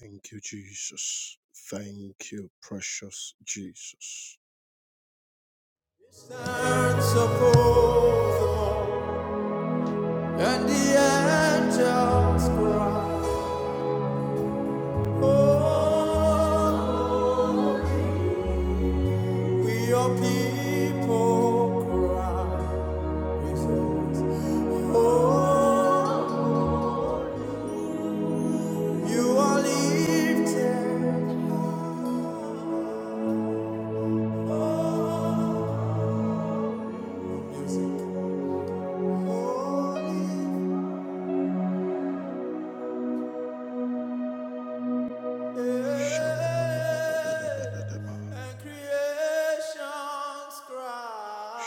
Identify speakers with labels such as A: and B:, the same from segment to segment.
A: Thank you, Jesus. Thank you, precious Jesus. Stands above And the angels cry, "Holy." We your people cry. "Holy." You are lifted. high. Music. Holy And creation's cry.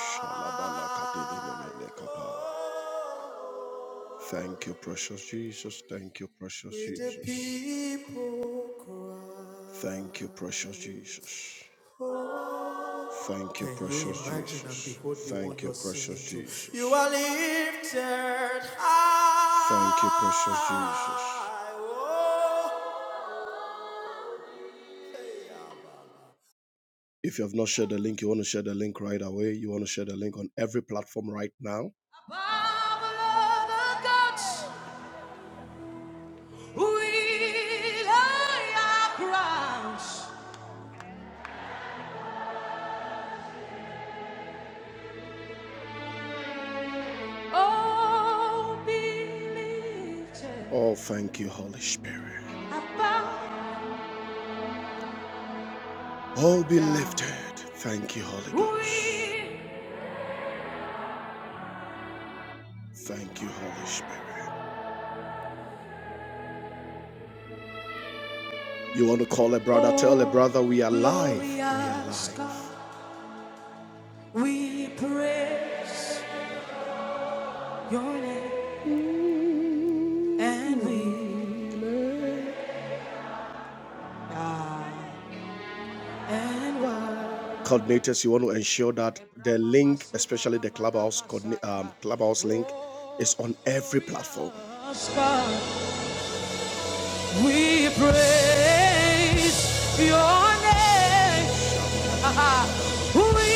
A: Thank you, precious Jesus. Thank you, precious With the Jesus. people cry. Thank you, precious Jesus. Thank you, precious Jesus. Thank you, precious Jesus. You are lifted high. Thank you, precious Jesus. Oh. If you have not shared the link, you want to share the link right away. You want to share the link on every platform right now. Father God, we lay our crowns. Oh, be lifted Oh, thank you, Holy Spirit. All be lifted. Thank you, Holy Ghost. Thank you, Holy Spirit. You want to call a brother, tell a brother we are alive. We are alive. We praise your name and we are and were. Coordinators, you want to ensure that the link, especially the clubhouse um, clubhouse link, is on every platform. We praise your name We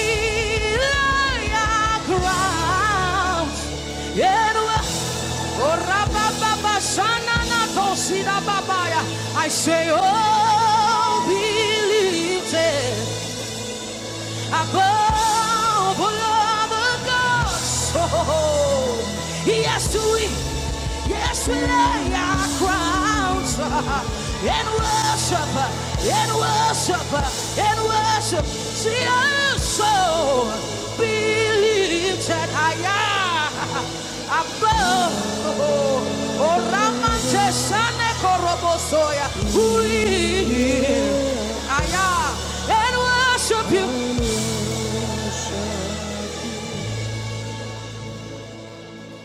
A: lay our crowns and we- Oh, rabababa, shanana, tosida, I say, oh, believe it. Above all other gods. Oh, yes, to we, yes, we lay our crowns uh, and worship, uh, and worship, uh, and worship. See us so be lifted higher above. Oh, Ramante Sane Korobosoya. We, yeah. Higher and worship you.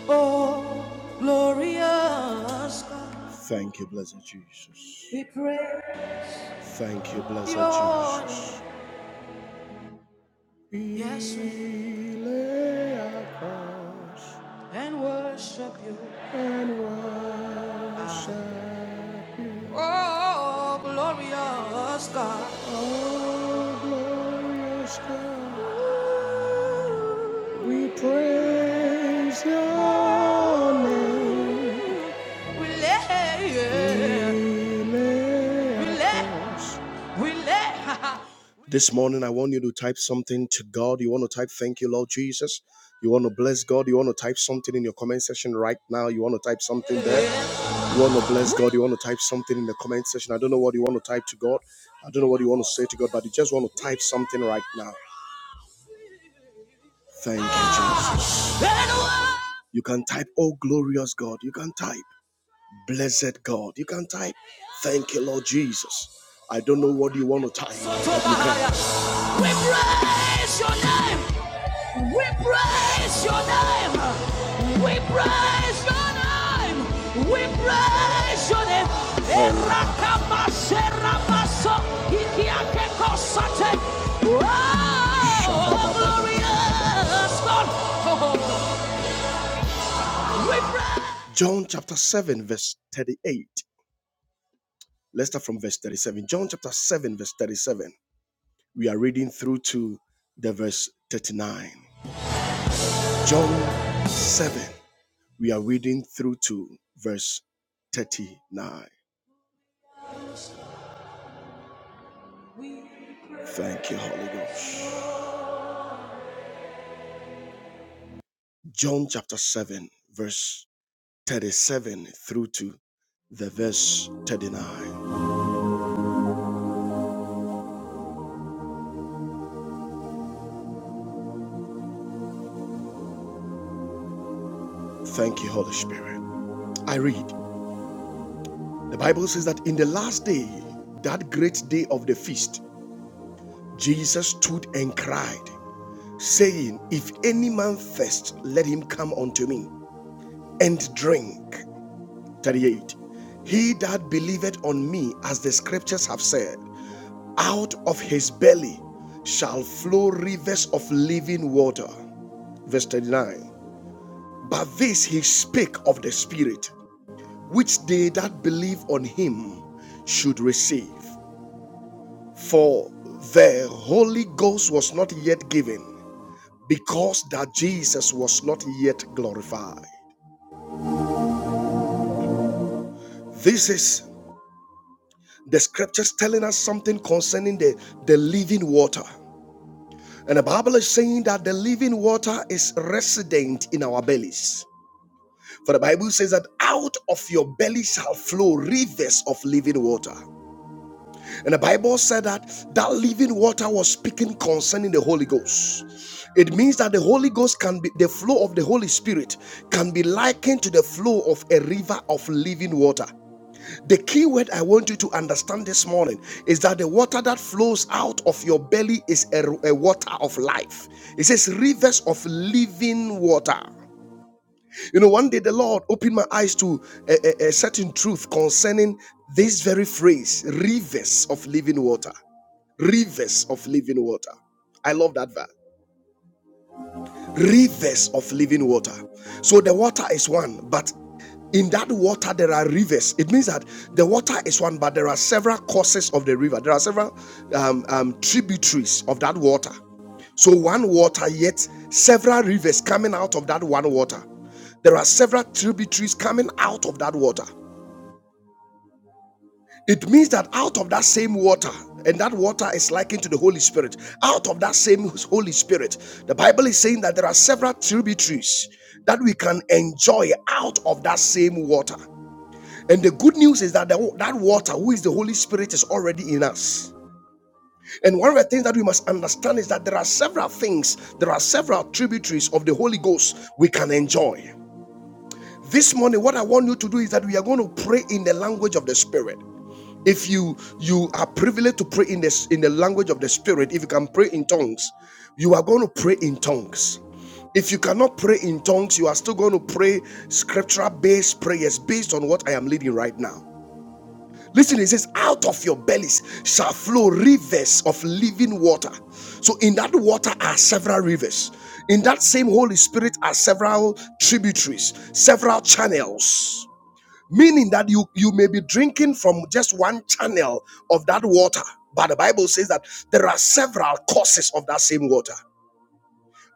A: Oh, glorious God, Thank you, blessed Jesus. we pray Thank you, blessed Jesus. Yes, we lay our crowns and worship you. and Ah. worship you. Oh, glorious God, Oh, glorious God, Ooh, we praise your name. This morning, I want you to type something to God. You want to type, Thank you, Lord Jesus. You want to bless God. You want to type something in your comment section right now. You want to type something there. You want to bless God. You want to type something in the comment section. I don't know what you want to type to God. I don't know what you want to say to God, but you just want to type something right now. Thank you, Jesus. You can type, Oh, glorious God. You can type. Blessed God. You can type, Thank you, Lord Jesus. I don't know what you want to type, We praise your name. We praise your name. We praise your name. We praise your name. Oh, John chapter 7, verse 38. Let's start from verse 37. John chapter 7, verse 37. We are reading through to the verse 39. John 7. We are reading through to verse 39. Thank you, Holy Ghost. John chapter 7, verse 37 through to the verse 39. Thank you, Holy Spirit. I read. The Bible says that in the last day, that great day of the feast, Jesus stood and cried, saying, If any man thirst, let him come unto me and drink. 38. He that believeth on me, as the scriptures have said, out of his belly shall flow rivers of living water verse 39 but this he spake of the spirit which they that believe on him should receive for the holy ghost was not yet given because that jesus was not yet glorified This is the scriptures telling us something concerning the, the living water. And the Bible is saying that the living water is resident in our bellies. For the Bible says that out of your belly shall flow rivers of living water. And the Bible said that that living water was speaking concerning the Holy Ghost. It means that the Holy Ghost can be, the flow of the Holy Spirit can be likened to the flow of a river of living water. The key word I want you to understand this morning is that the water that flows out of your belly is a, a water of life. It says rivers of living water. You know, one day the Lord opened my eyes to a, a a certain truth concerning this very phrase rivers of living water. Rivers of living water. I love that verse rivers of living water. So the water is one, but in that water there are rivers. It means that the water is one, but there are several courses of the river. There are several um, um, tributaries of that water. So one water, yet several rivers coming out of that one water. There are several tributaries coming out of that water. It means that out of that same water, and that water is likened to the Holy Spirit, out of that same Holy Spirit, the Bible is saying that there are several tributaries that we can enjoy out of that same water. And the good news is that the, that water, who is the Holy Spirit, is already in us. And one of the things that we must understand is that there are several things, there are several tributaries of the Holy Ghost we can enjoy. This morning, what I want you to do is that we are going to pray in the language of the Spirit. If you you are privileged to pray in this in the language of the spirit, if you can pray in tongues, you are going to pray in tongues. If you cannot pray in tongues, you are still going to pray scriptural based prayers based on what I am leading right now. Listen, it says, out of your bellies shall flow rivers of living water. So, in that water are several rivers. In that same Holy Spirit are several tributaries, several channels meaning that you you may be drinking from just one channel of that water but the bible says that there are several courses of that same water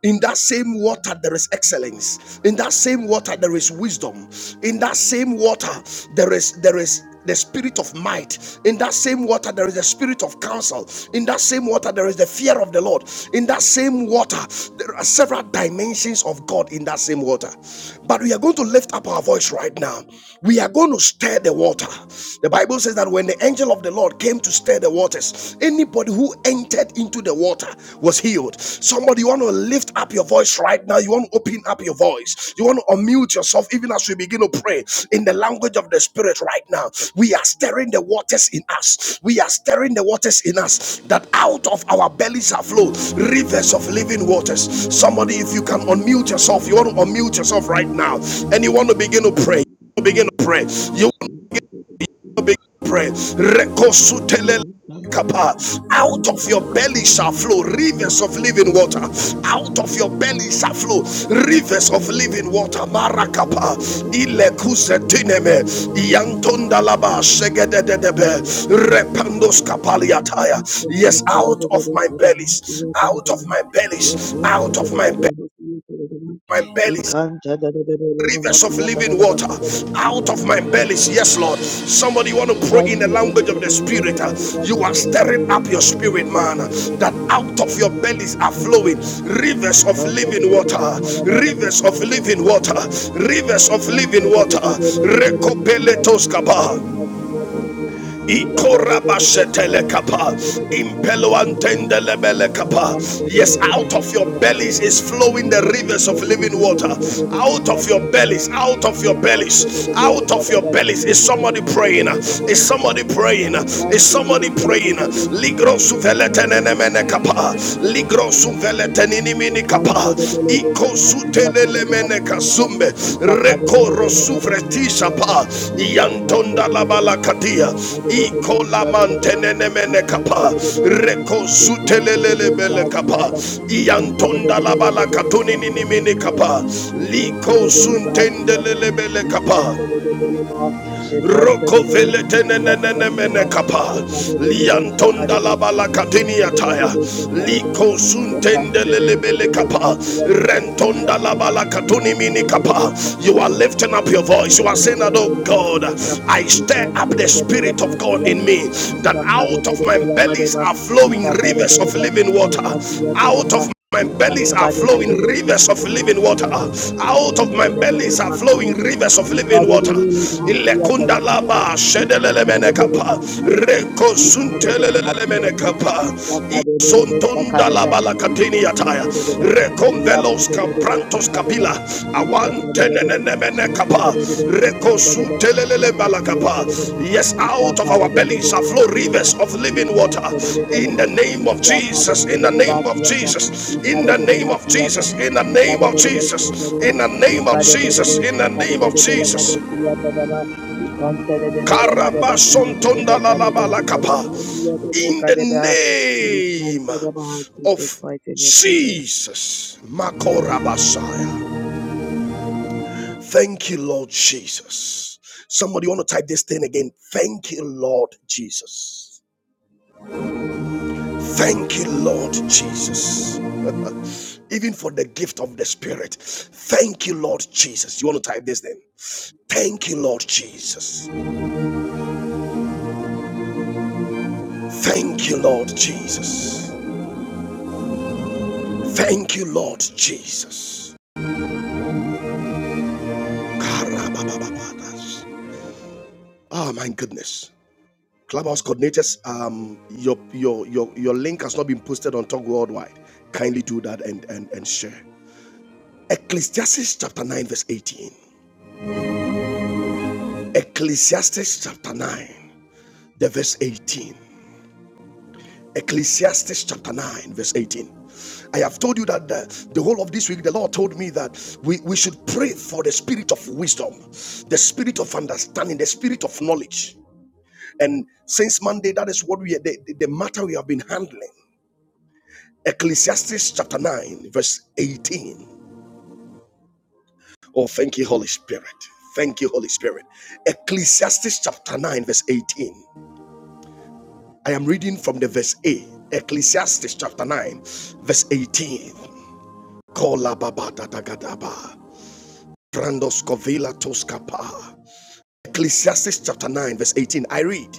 A: in that same water, there is excellence. In that same water, there is wisdom. In that same water, there is there is the spirit of might. In that same water, there is the spirit of counsel. In that same water, there is the fear of the Lord. In that same water, there are several dimensions of God in that same water. But we are going to lift up our voice right now. We are going to stir the water. The Bible says that when the angel of the Lord came to stir the waters, Anybody who entered into the water was healed. Somebody, you want to lift up your voice right now. You want to open up your voice. You want to unmute yourself even as we begin to pray in the language of the Spirit right now. We are stirring the waters in us. We are stirring the waters in us that out of our bellies are flow rivers of living waters. Somebody, if you can unmute yourself, you want to unmute yourself right now and you want to begin to pray. Begin to pray.
B: Thank
A: You Begin to Pray. Rekosutele Kapa. Out of your belly shall flow rivers of living water. Out of your belly shall flow rivers of living water. Marakapa, ilekusetineme, iyantondalaba, shegedededebe, repandos kapaliataya. Yes, out of my bellies, out of my bellies, out of my belly. My belly rivers of living water out of my bellies yes lord
B: you.
A: somebody want to
B: Thank
A: pray in the
B: you.
A: language of the spirit Uh, you are stirring up your spirit man uh, that out of your bellies are flowing rivers of living water rivers of living water
B: can't
A: rivers of
B: Thank
A: living water Recopele Toskaba. Ikorabashetelekapa, impeluantendelebelekapa. Yes, out of your bellies is flowing the rivers of living water. Out of your bellies, out of your bellies, out of your bellies. Is somebody praying? Is somebody praying? Is somebody praying? Ligro suveletenenemenekapa. Ligro suveleten tenini mini kapa iko sutelele mene
B: you.
A: kasumbe
B: Thank
A: Rekoro sufretisha pa yantonda la balakadia iko la mantenene mene pa, reko sutelele bele pa, yantonda la balakatuni nini mini kapa liko suntendelele bele pa. Roko vele tenenene kapa. Liantonda la balakatini ataya. Liko suntende lelebele kapa. Rentonda la
B: you. Thank
A: balakatuni
B: you.
A: mini kapa. You are lifting up your voice. You are saying that, oh God, I stir up the spirit of God in me. That out of my bellies are flowing rivers of living water. Out of my bellies are flowing rivers of living water. Out of my bellies are flowing rivers of living water. Ilekunda laba shedelele menekapa reko shedelelemenekapa. Rekosuntelelemenekapa. Isontonda laba lakatini yataya.
B: Illa
A: Rekonvelos
B: bhagavad gita
A: kaprantos
B: karana Jesus,
A: Awantenenenemenekapa. Rekosutelelebalakapa. Yes, out of our bellies shall flow rivers of living water. In the name of Jesus, in the name of Jesus, in the name of Jesus, in the name of Jesus, in the name of Jesus, in the name of Jesus. Karabasontondalalalabalakapa. In the name of
B: mighty name,
A: Jesus, Makorabasaya. Thank you, Lord Jesus. Somebody want to type this thing again. Thank you, Lord Jesus. Thank you, Lord Jesus. Even for the gift of the Spirit. Thank you, Lord Jesus. You want to type this thing. Thank you, Lord Jesus. Thank you, Lord Jesus. Thank you, Lord Jesus. Karababababas. Oh, my goodness. Clubhouse coordinators, um, your your your your link has not been posted on Talk Worldwide. Kindly do that and and and share. Ecclesiastes chapter nine verse eighteen. Ecclesiastes chapter nine, the verse eighteen. Ecclesiastes chapter nine verse eighteen. I have told you that the, the whole of this week, the Lord told me that we, we should pray for the spirit of wisdom, the spirit of understanding, the spirit of knowledge. And since Monday, that is what we the, the the matter we have been handling. Ecclesiastes chapter 9, verse 18. Oh, thank you, Holy Spirit. Thank you, Holy Spirit. Ecclesiastes chapter 9, verse 18. I am reading from the verse a. Ecclesiastes chapter 9, verse 18. Kola baba da da ga Ecclesiastes chapter 9, verse 18. I read.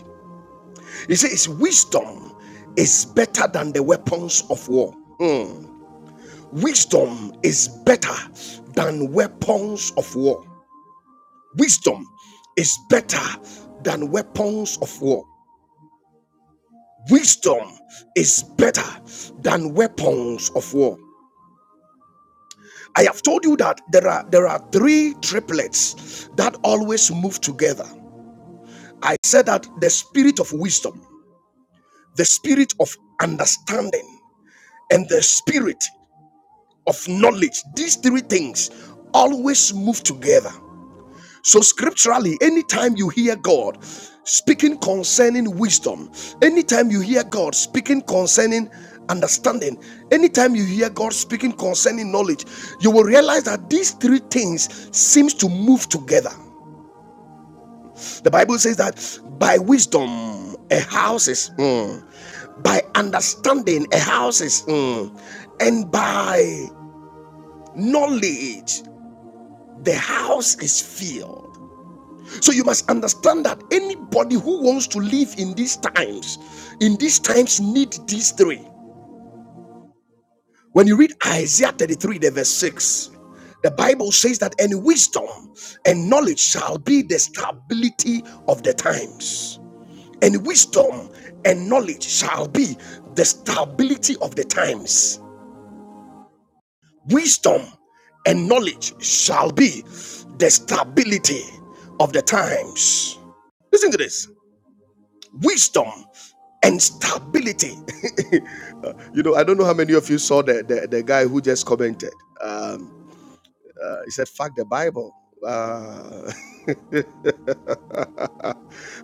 A: It says, Wisdom is better than the weapons of war. Wisdom is better than weapons of war. Wisdom is better than weapons of war. Wisdom is better than weapons of war. I have told you that there are there are three triplets that always move together. I said that the spirit of wisdom, the spirit of understanding, and the spirit of knowledge, these three things always move together. So, scripturally, anytime you hear God speaking concerning wisdom, anytime you hear God speaking concerning understanding, anytime you hear God speaking concerning knowledge, you will realize that these three things seems to move together. The Bible says that by wisdom a house is, mm, by understanding a house is, mm, and by knowledge the house is filled. So you must understand that anybody who wants to live in these times, in these times, need these three. When you read Isaiah 33, the verse 6, the Bible says that any wisdom and knowledge shall be the stability of the times. And wisdom and knowledge shall be the stability of the times. Wisdom and knowledge shall be the stability of the times. Listen to this. wisdom and stability. you know, I don't know how many of you saw the the, the guy who just commented. Um, uh, he said, "Fuck the Bible." Uh,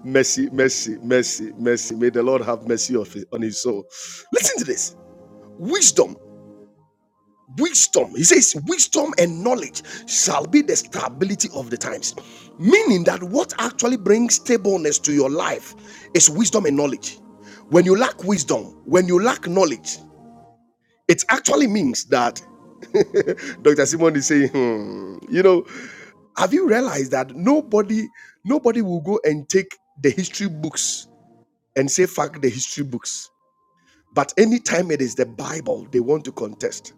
A: mercy, mercy, mercy, mercy. May the Lord have mercy of his- on his soul. Listen to this. Wisdom, wisdom. He says, wisdom and knowledge shall be the stability of the times. Meaning that what actually brings stableness to your life is wisdom and knowledge. When you lack wisdom, when you lack knowledge, It actually means that Dr. Simon is saying, hmm, you know, have you realized that nobody, nobody will go and take the history books and say fuck the history books. But anytime it is the Bible they want to contest,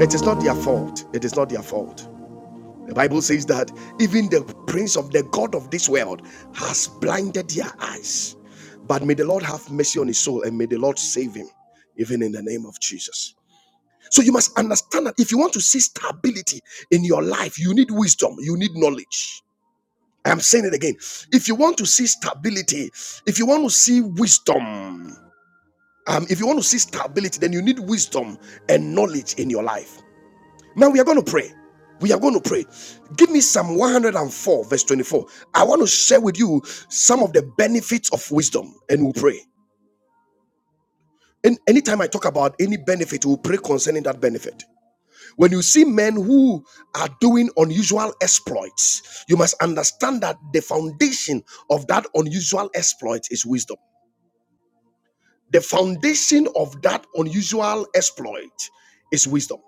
A: it is not their fault. It is not their fault. The Bible says that even the prince of the God of this world has blinded their eyes. But may the Lord have mercy on his soul and may the Lord save him, even in the name of Jesus. So you must understand that if you want to see stability in your life, you need wisdom, you need knowledge. I'm saying it again. If you want to see stability, if you want to see wisdom, um, if you want to see stability, then you need wisdom and knowledge in your life. Now we are going to pray. We are going to pray. Give me Psalm 104, verse 24. I want to share with you some of the benefits of wisdom, and we'll pray. And anytime I talk about any benefit, we'll pray concerning that benefit. When you see men who are doing unusual exploits, you must understand that the foundation of that unusual exploit is wisdom. The foundation of that unusual exploit is wisdom.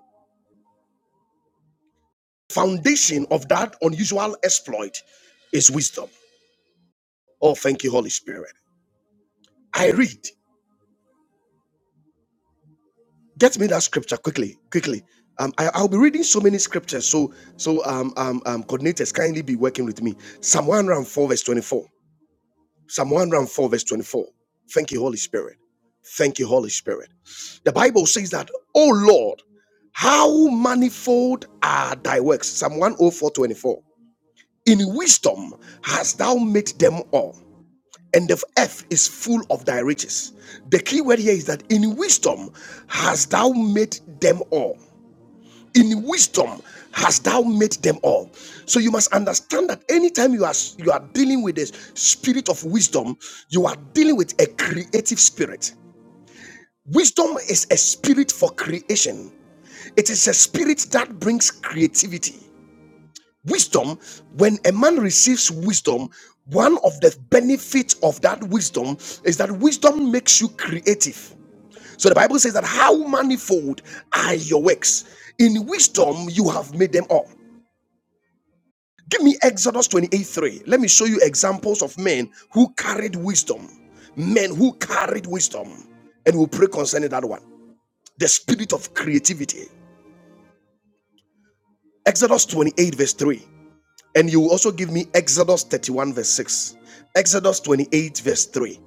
A: Foundation of that unusual exploit is wisdom. Oh, thank you, Holy Spirit. I read. Get me that scripture quickly, quickly. Um, I, I'll be reading so many scriptures. So, so um, um, um, coordinators, kindly be working with me. Psalm 104, verse 24. Psalm 104, verse 24. Thank you, Holy Spirit. Thank you, Holy Spirit. The Bible says that, Oh Lord, how manifold are thy works. Psalm one, oh four, twenty-four. In wisdom hast thou made them all, and the earth is full of thy riches. The key word here is that in wisdom hast thou made them all in wisdom hast thou made them all so you must understand that anytime you are you are dealing with the spirit of wisdom you are dealing with a creative spirit wisdom is a spirit for creation it is a spirit that brings creativity wisdom when a man receives wisdom one of the benefits of that wisdom is that wisdom makes you creative so the Bible says that how manifold are your works. In wisdom, you have made them all. Give me Exodus 28 3. Let me show you examples of men who carried wisdom. Men who carried wisdom. And we'll pray concerning that one. The spirit of creativity. Exodus 28, verse 3. And you will also give me Exodus 31, verse 6, Exodus 28, verse 3,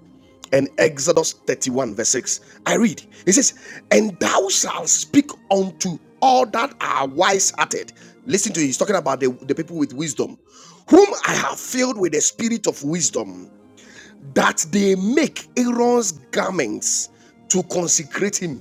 A: and Exodus 31, verse 6. I read, it says, And thou shalt speak unto all that are wise hearted. Listen to it, he's talking about the, the people with wisdom, whom I have filled with the spirit of wisdom, that they make Aaron's garments to consecrate him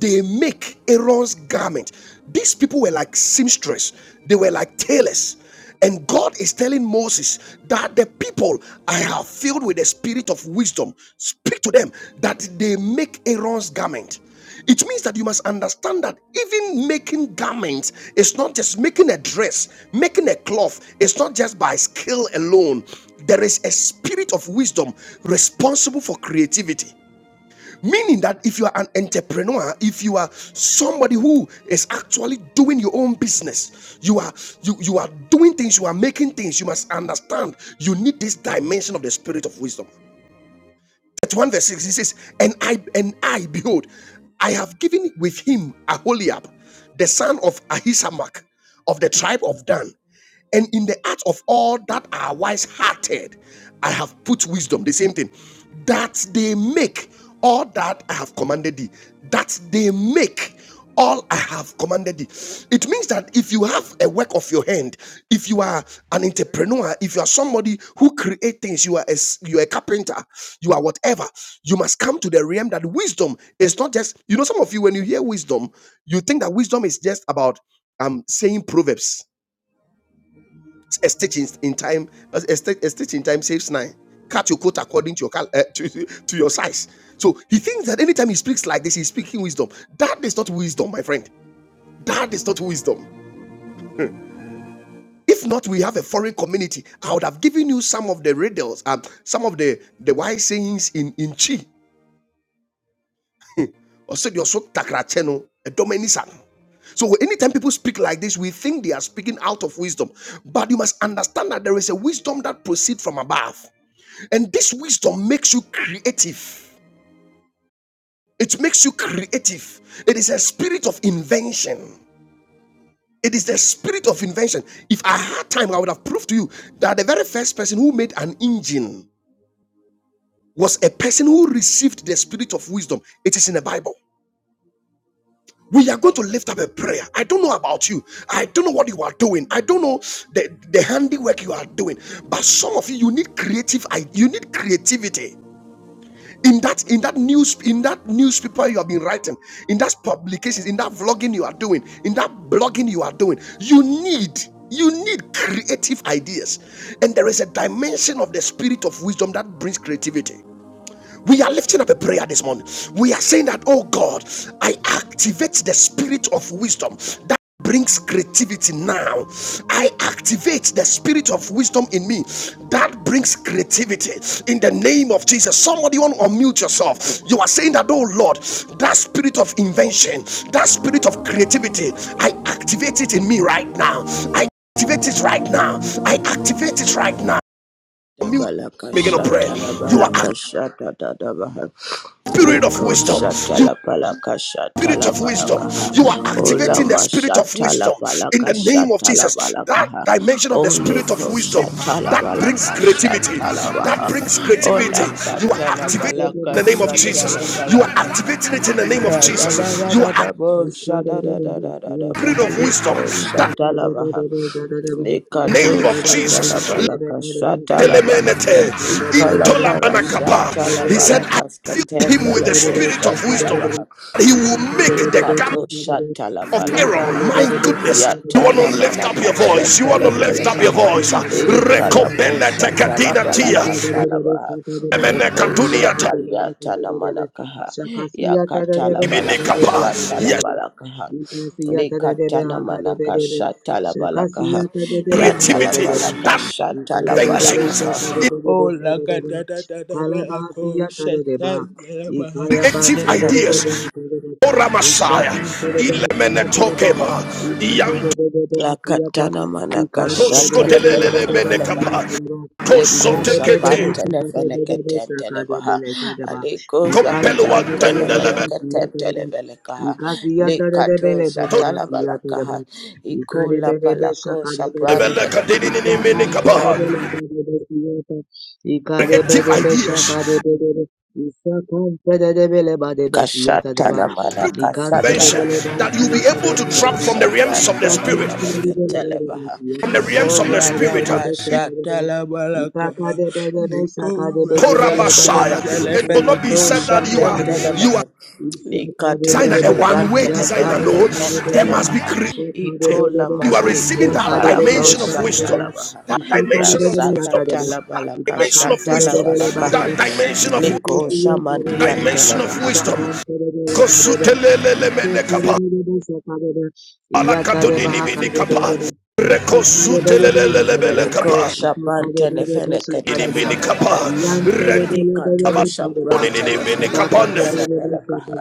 A: they make Aaron's garment. These people were like seamstress, they were like tailors. And God is telling Moses that the people I have filled with the spirit of wisdom, speak to them that they make Aaron's garment. It means that you must understand that even making garments is not just making a dress, making a cloth, it's not just by skill alone. There is a spirit of wisdom responsible for creativity. Meaning that if you are an entrepreneur, if you are somebody who is actually doing your own business, you are you you are doing things, you are making things, you must understand you need this dimension of the spirit of wisdom. 31 verse 6 he says and i and i behold i have given with him aholiab the son of ahisamach of the tribe of dan and in the heart of all that are wise hearted i have put wisdom the same thing that they make all that i have commanded thee that they make all I have commanded thee. It means that if you have a work of your hand, if you are an entrepreneur, if you are somebody who create things, you are a, s- you are a carpenter, you are whatever, you must come to the realm that wisdom is not just, you know, some of you, when you hear wisdom, you think that wisdom is just about um saying proverbs. A stitch in, in time, a, a stitch, a stitch in time saves nine. Cut your coat according to your cal- uh, to, to your size. So he thinks that anytime he speaks like this, he's speaking wisdom. That is not wisdom, my friend. That is not wisdom. If not, we have a foreign community. I would have given you some of the riddles, and some of the, the wise sayings in, in Chi. Or said you're so takracheno, a dominisan. So anytime people speak like this, we think they are speaking out of wisdom. But you must understand that there is a wisdom that proceeds from above. And this wisdom makes you creative. It makes you creative. It is a spirit of invention. It is the spirit of invention. If I had time, I would have proved to you that the very first person who made an engine was a person who received the spirit of wisdom. It is in the Bible. We are going to lift up a prayer. I don't know about you. I don't know what you are doing. I don't know the, the handiwork you are doing. But some of you, you need creative, you need creativity. in that in that news in that newspaper you have been writing in that publications in that vlogging you are doing in that blogging you are doing you need you need creative ideas and there is a dimension of the spirit of wisdom that brings creativity we are lifting up a prayer this morning. We are saying that, oh God, I activate the spirit of wisdom that brings creativity now. I activate the spirit of wisdom in me that brings creativity in the name of Jesus. Somebody want to unmute yourself. You are saying that, oh Lord, that spirit of invention, that spirit of creativity, I activate it in me right now. I activate it right now. I activate it right now. Unmute,
C: Dabalaka
A: begin to pray.
C: shata la
A: You are
C: balaka shata da da baha.
A: spirit of
C: Leko
A: wisdom.
C: shata
A: You
C: la balaka shata
A: spirit
C: la
A: of
C: balaka
A: wisdom.
C: ha.
A: You are
C: ola
A: activating the
C: ma
A: spirit of
C: shata la
A: wisdom in the
C: balaka
A: name of
C: shata la
A: Jesus.
C: balaka
A: That
C: ha.
A: dimension of the spirit of
C: Oleko
A: wisdom
C: shata la
A: that brings
C: balaka
A: creativity.
C: shata la
A: That
C: baha.
A: brings
B: amen.
A: creativity. You are
B: Thank
C: Olakata la
B: you.
A: activating it
C: balaka
A: in the name of
C: shata la
A: Jesus. You are
C: balaka ha.
A: activating it in the name of
C: Da da
A: Jesus.
C: da da
A: You
C: da
A: are
C: da bo shata da da da da da
A: spirit
C: baha.
A: of wisdom.
C: Leko
A: That
C: shata la baha.
A: name
C: Lekato
A: of Jesus.
C: shatalabalaka shatalabaha.
B: Shakasiya tadadebe
C: Ikalapara
A: He said, I
C: shatalabalakas
A: filled him with the
C: ketefeleco
A: spirit of wisdom.
C: shatalabaha.
A: He will make the
C: Lekato shatala
A: of Aaron.
C: balakaha.
A: My goodness. You want to
C: Yatana
A: lift up your
C: manaka
A: voice. You want
C: shetele
A: to lift up your
C: velekaha.
A: voice.
C: Ekalapo
A: Recobele
C: shatala
A: tekadina tia.
C: balakatala baha.
A: Nemene
C: Leko
A: katunia ta
C: shapaliatana manakaha. Yakatala
A: ibini
C: balaka shatala
A: Yes,
C: balakaha. Lekatana
B: hakadebe
C: manaka
B: debe.
C: shatala
B: Shakasiya
C: balakaha.
B: tadadebe
C: Yatala
B: hadebe
A: creativity.
B: debe.
C: balaka
A: That
C: shatala
B: Ikade bede be
C: balakaha.
B: shaka
A: inventions.
C: Oh, lagata da da lagatata balako shatala
A: Creative ideas.
C: baha.
A: Ora Messiah. Ilemene tokema. Iyantosko
C: La katana manaka shatele pele
A: delelele mene
C: ketele baha.
A: kapa.
C: Leko shapan
A: Kosotekete.
C: tene
B: de
C: fene keten tele baha. Aleko
A: Kompeluwa
C: zafiyan tene mene
A: tendelebe.
C: keten tele vele kaha. Lekato shatala balakaha. Iko la palako
B: bede
C: shapran
B: be
A: Tondelebele
C: tene
A: kadini nini mini
B: Isakante
A: kapa.
B: de belebe de besiyete. İkarebe
A: Creative
B: de
A: ideas.
B: beşaka de belebe. Isakante de de beleba de besiyete de ba
C: kashatana manaka
A: dimension
C: shatala baha.
A: that you'll be able to drop from
C: Kosa
A: the realms of the
C: prantele
A: spirit,
C: vele ketele baha.
A: from the realms of the
C: Orada
A: spirit. uh, In
C: basha
B: Ikade
C: tele balakaha. Nikora
A: Korabashaya,
C: bahasandele
A: it will
C: vele
A: not be said
C: kosa
A: that you are
C: tentele
A: you are
C: baha.
A: designer, a
C: Nikatoja
A: one-way
C: prantele
A: designer.
C: vele
A: No, there
C: ketentele
A: must be
C: baha.
A: created.
C: Iko la
A: You are
C: maskete
A: receiving
B: Ishaka
A: that
B: de
C: fala
B: bele bele,
A: dimension of
C: kosa
A: wisdom,
C: tele baha.
A: that
B: Ishaka
A: dimension of
C: Rasaka
A: wisdom,
C: tele
A: that
C: balakasha
A: dimension of
C: tele
A: wisdom,
C: balakaha.
A: that dimension of
C: Niko shamandian tele
A: dimension of
C: baha.
A: wisdom. Kosutelelelemenekapa, alakatoninimenikapa,
C: Meko
A: rekosutelelelebelekapa,
C: shaprantene fene
A: Ini mini
C: ketentele
A: kapa,
C: balakaha.
A: rendi
C: Likato
A: kapa, ini ini
C: shaprantene
A: mini
C: fene ketele balakaha.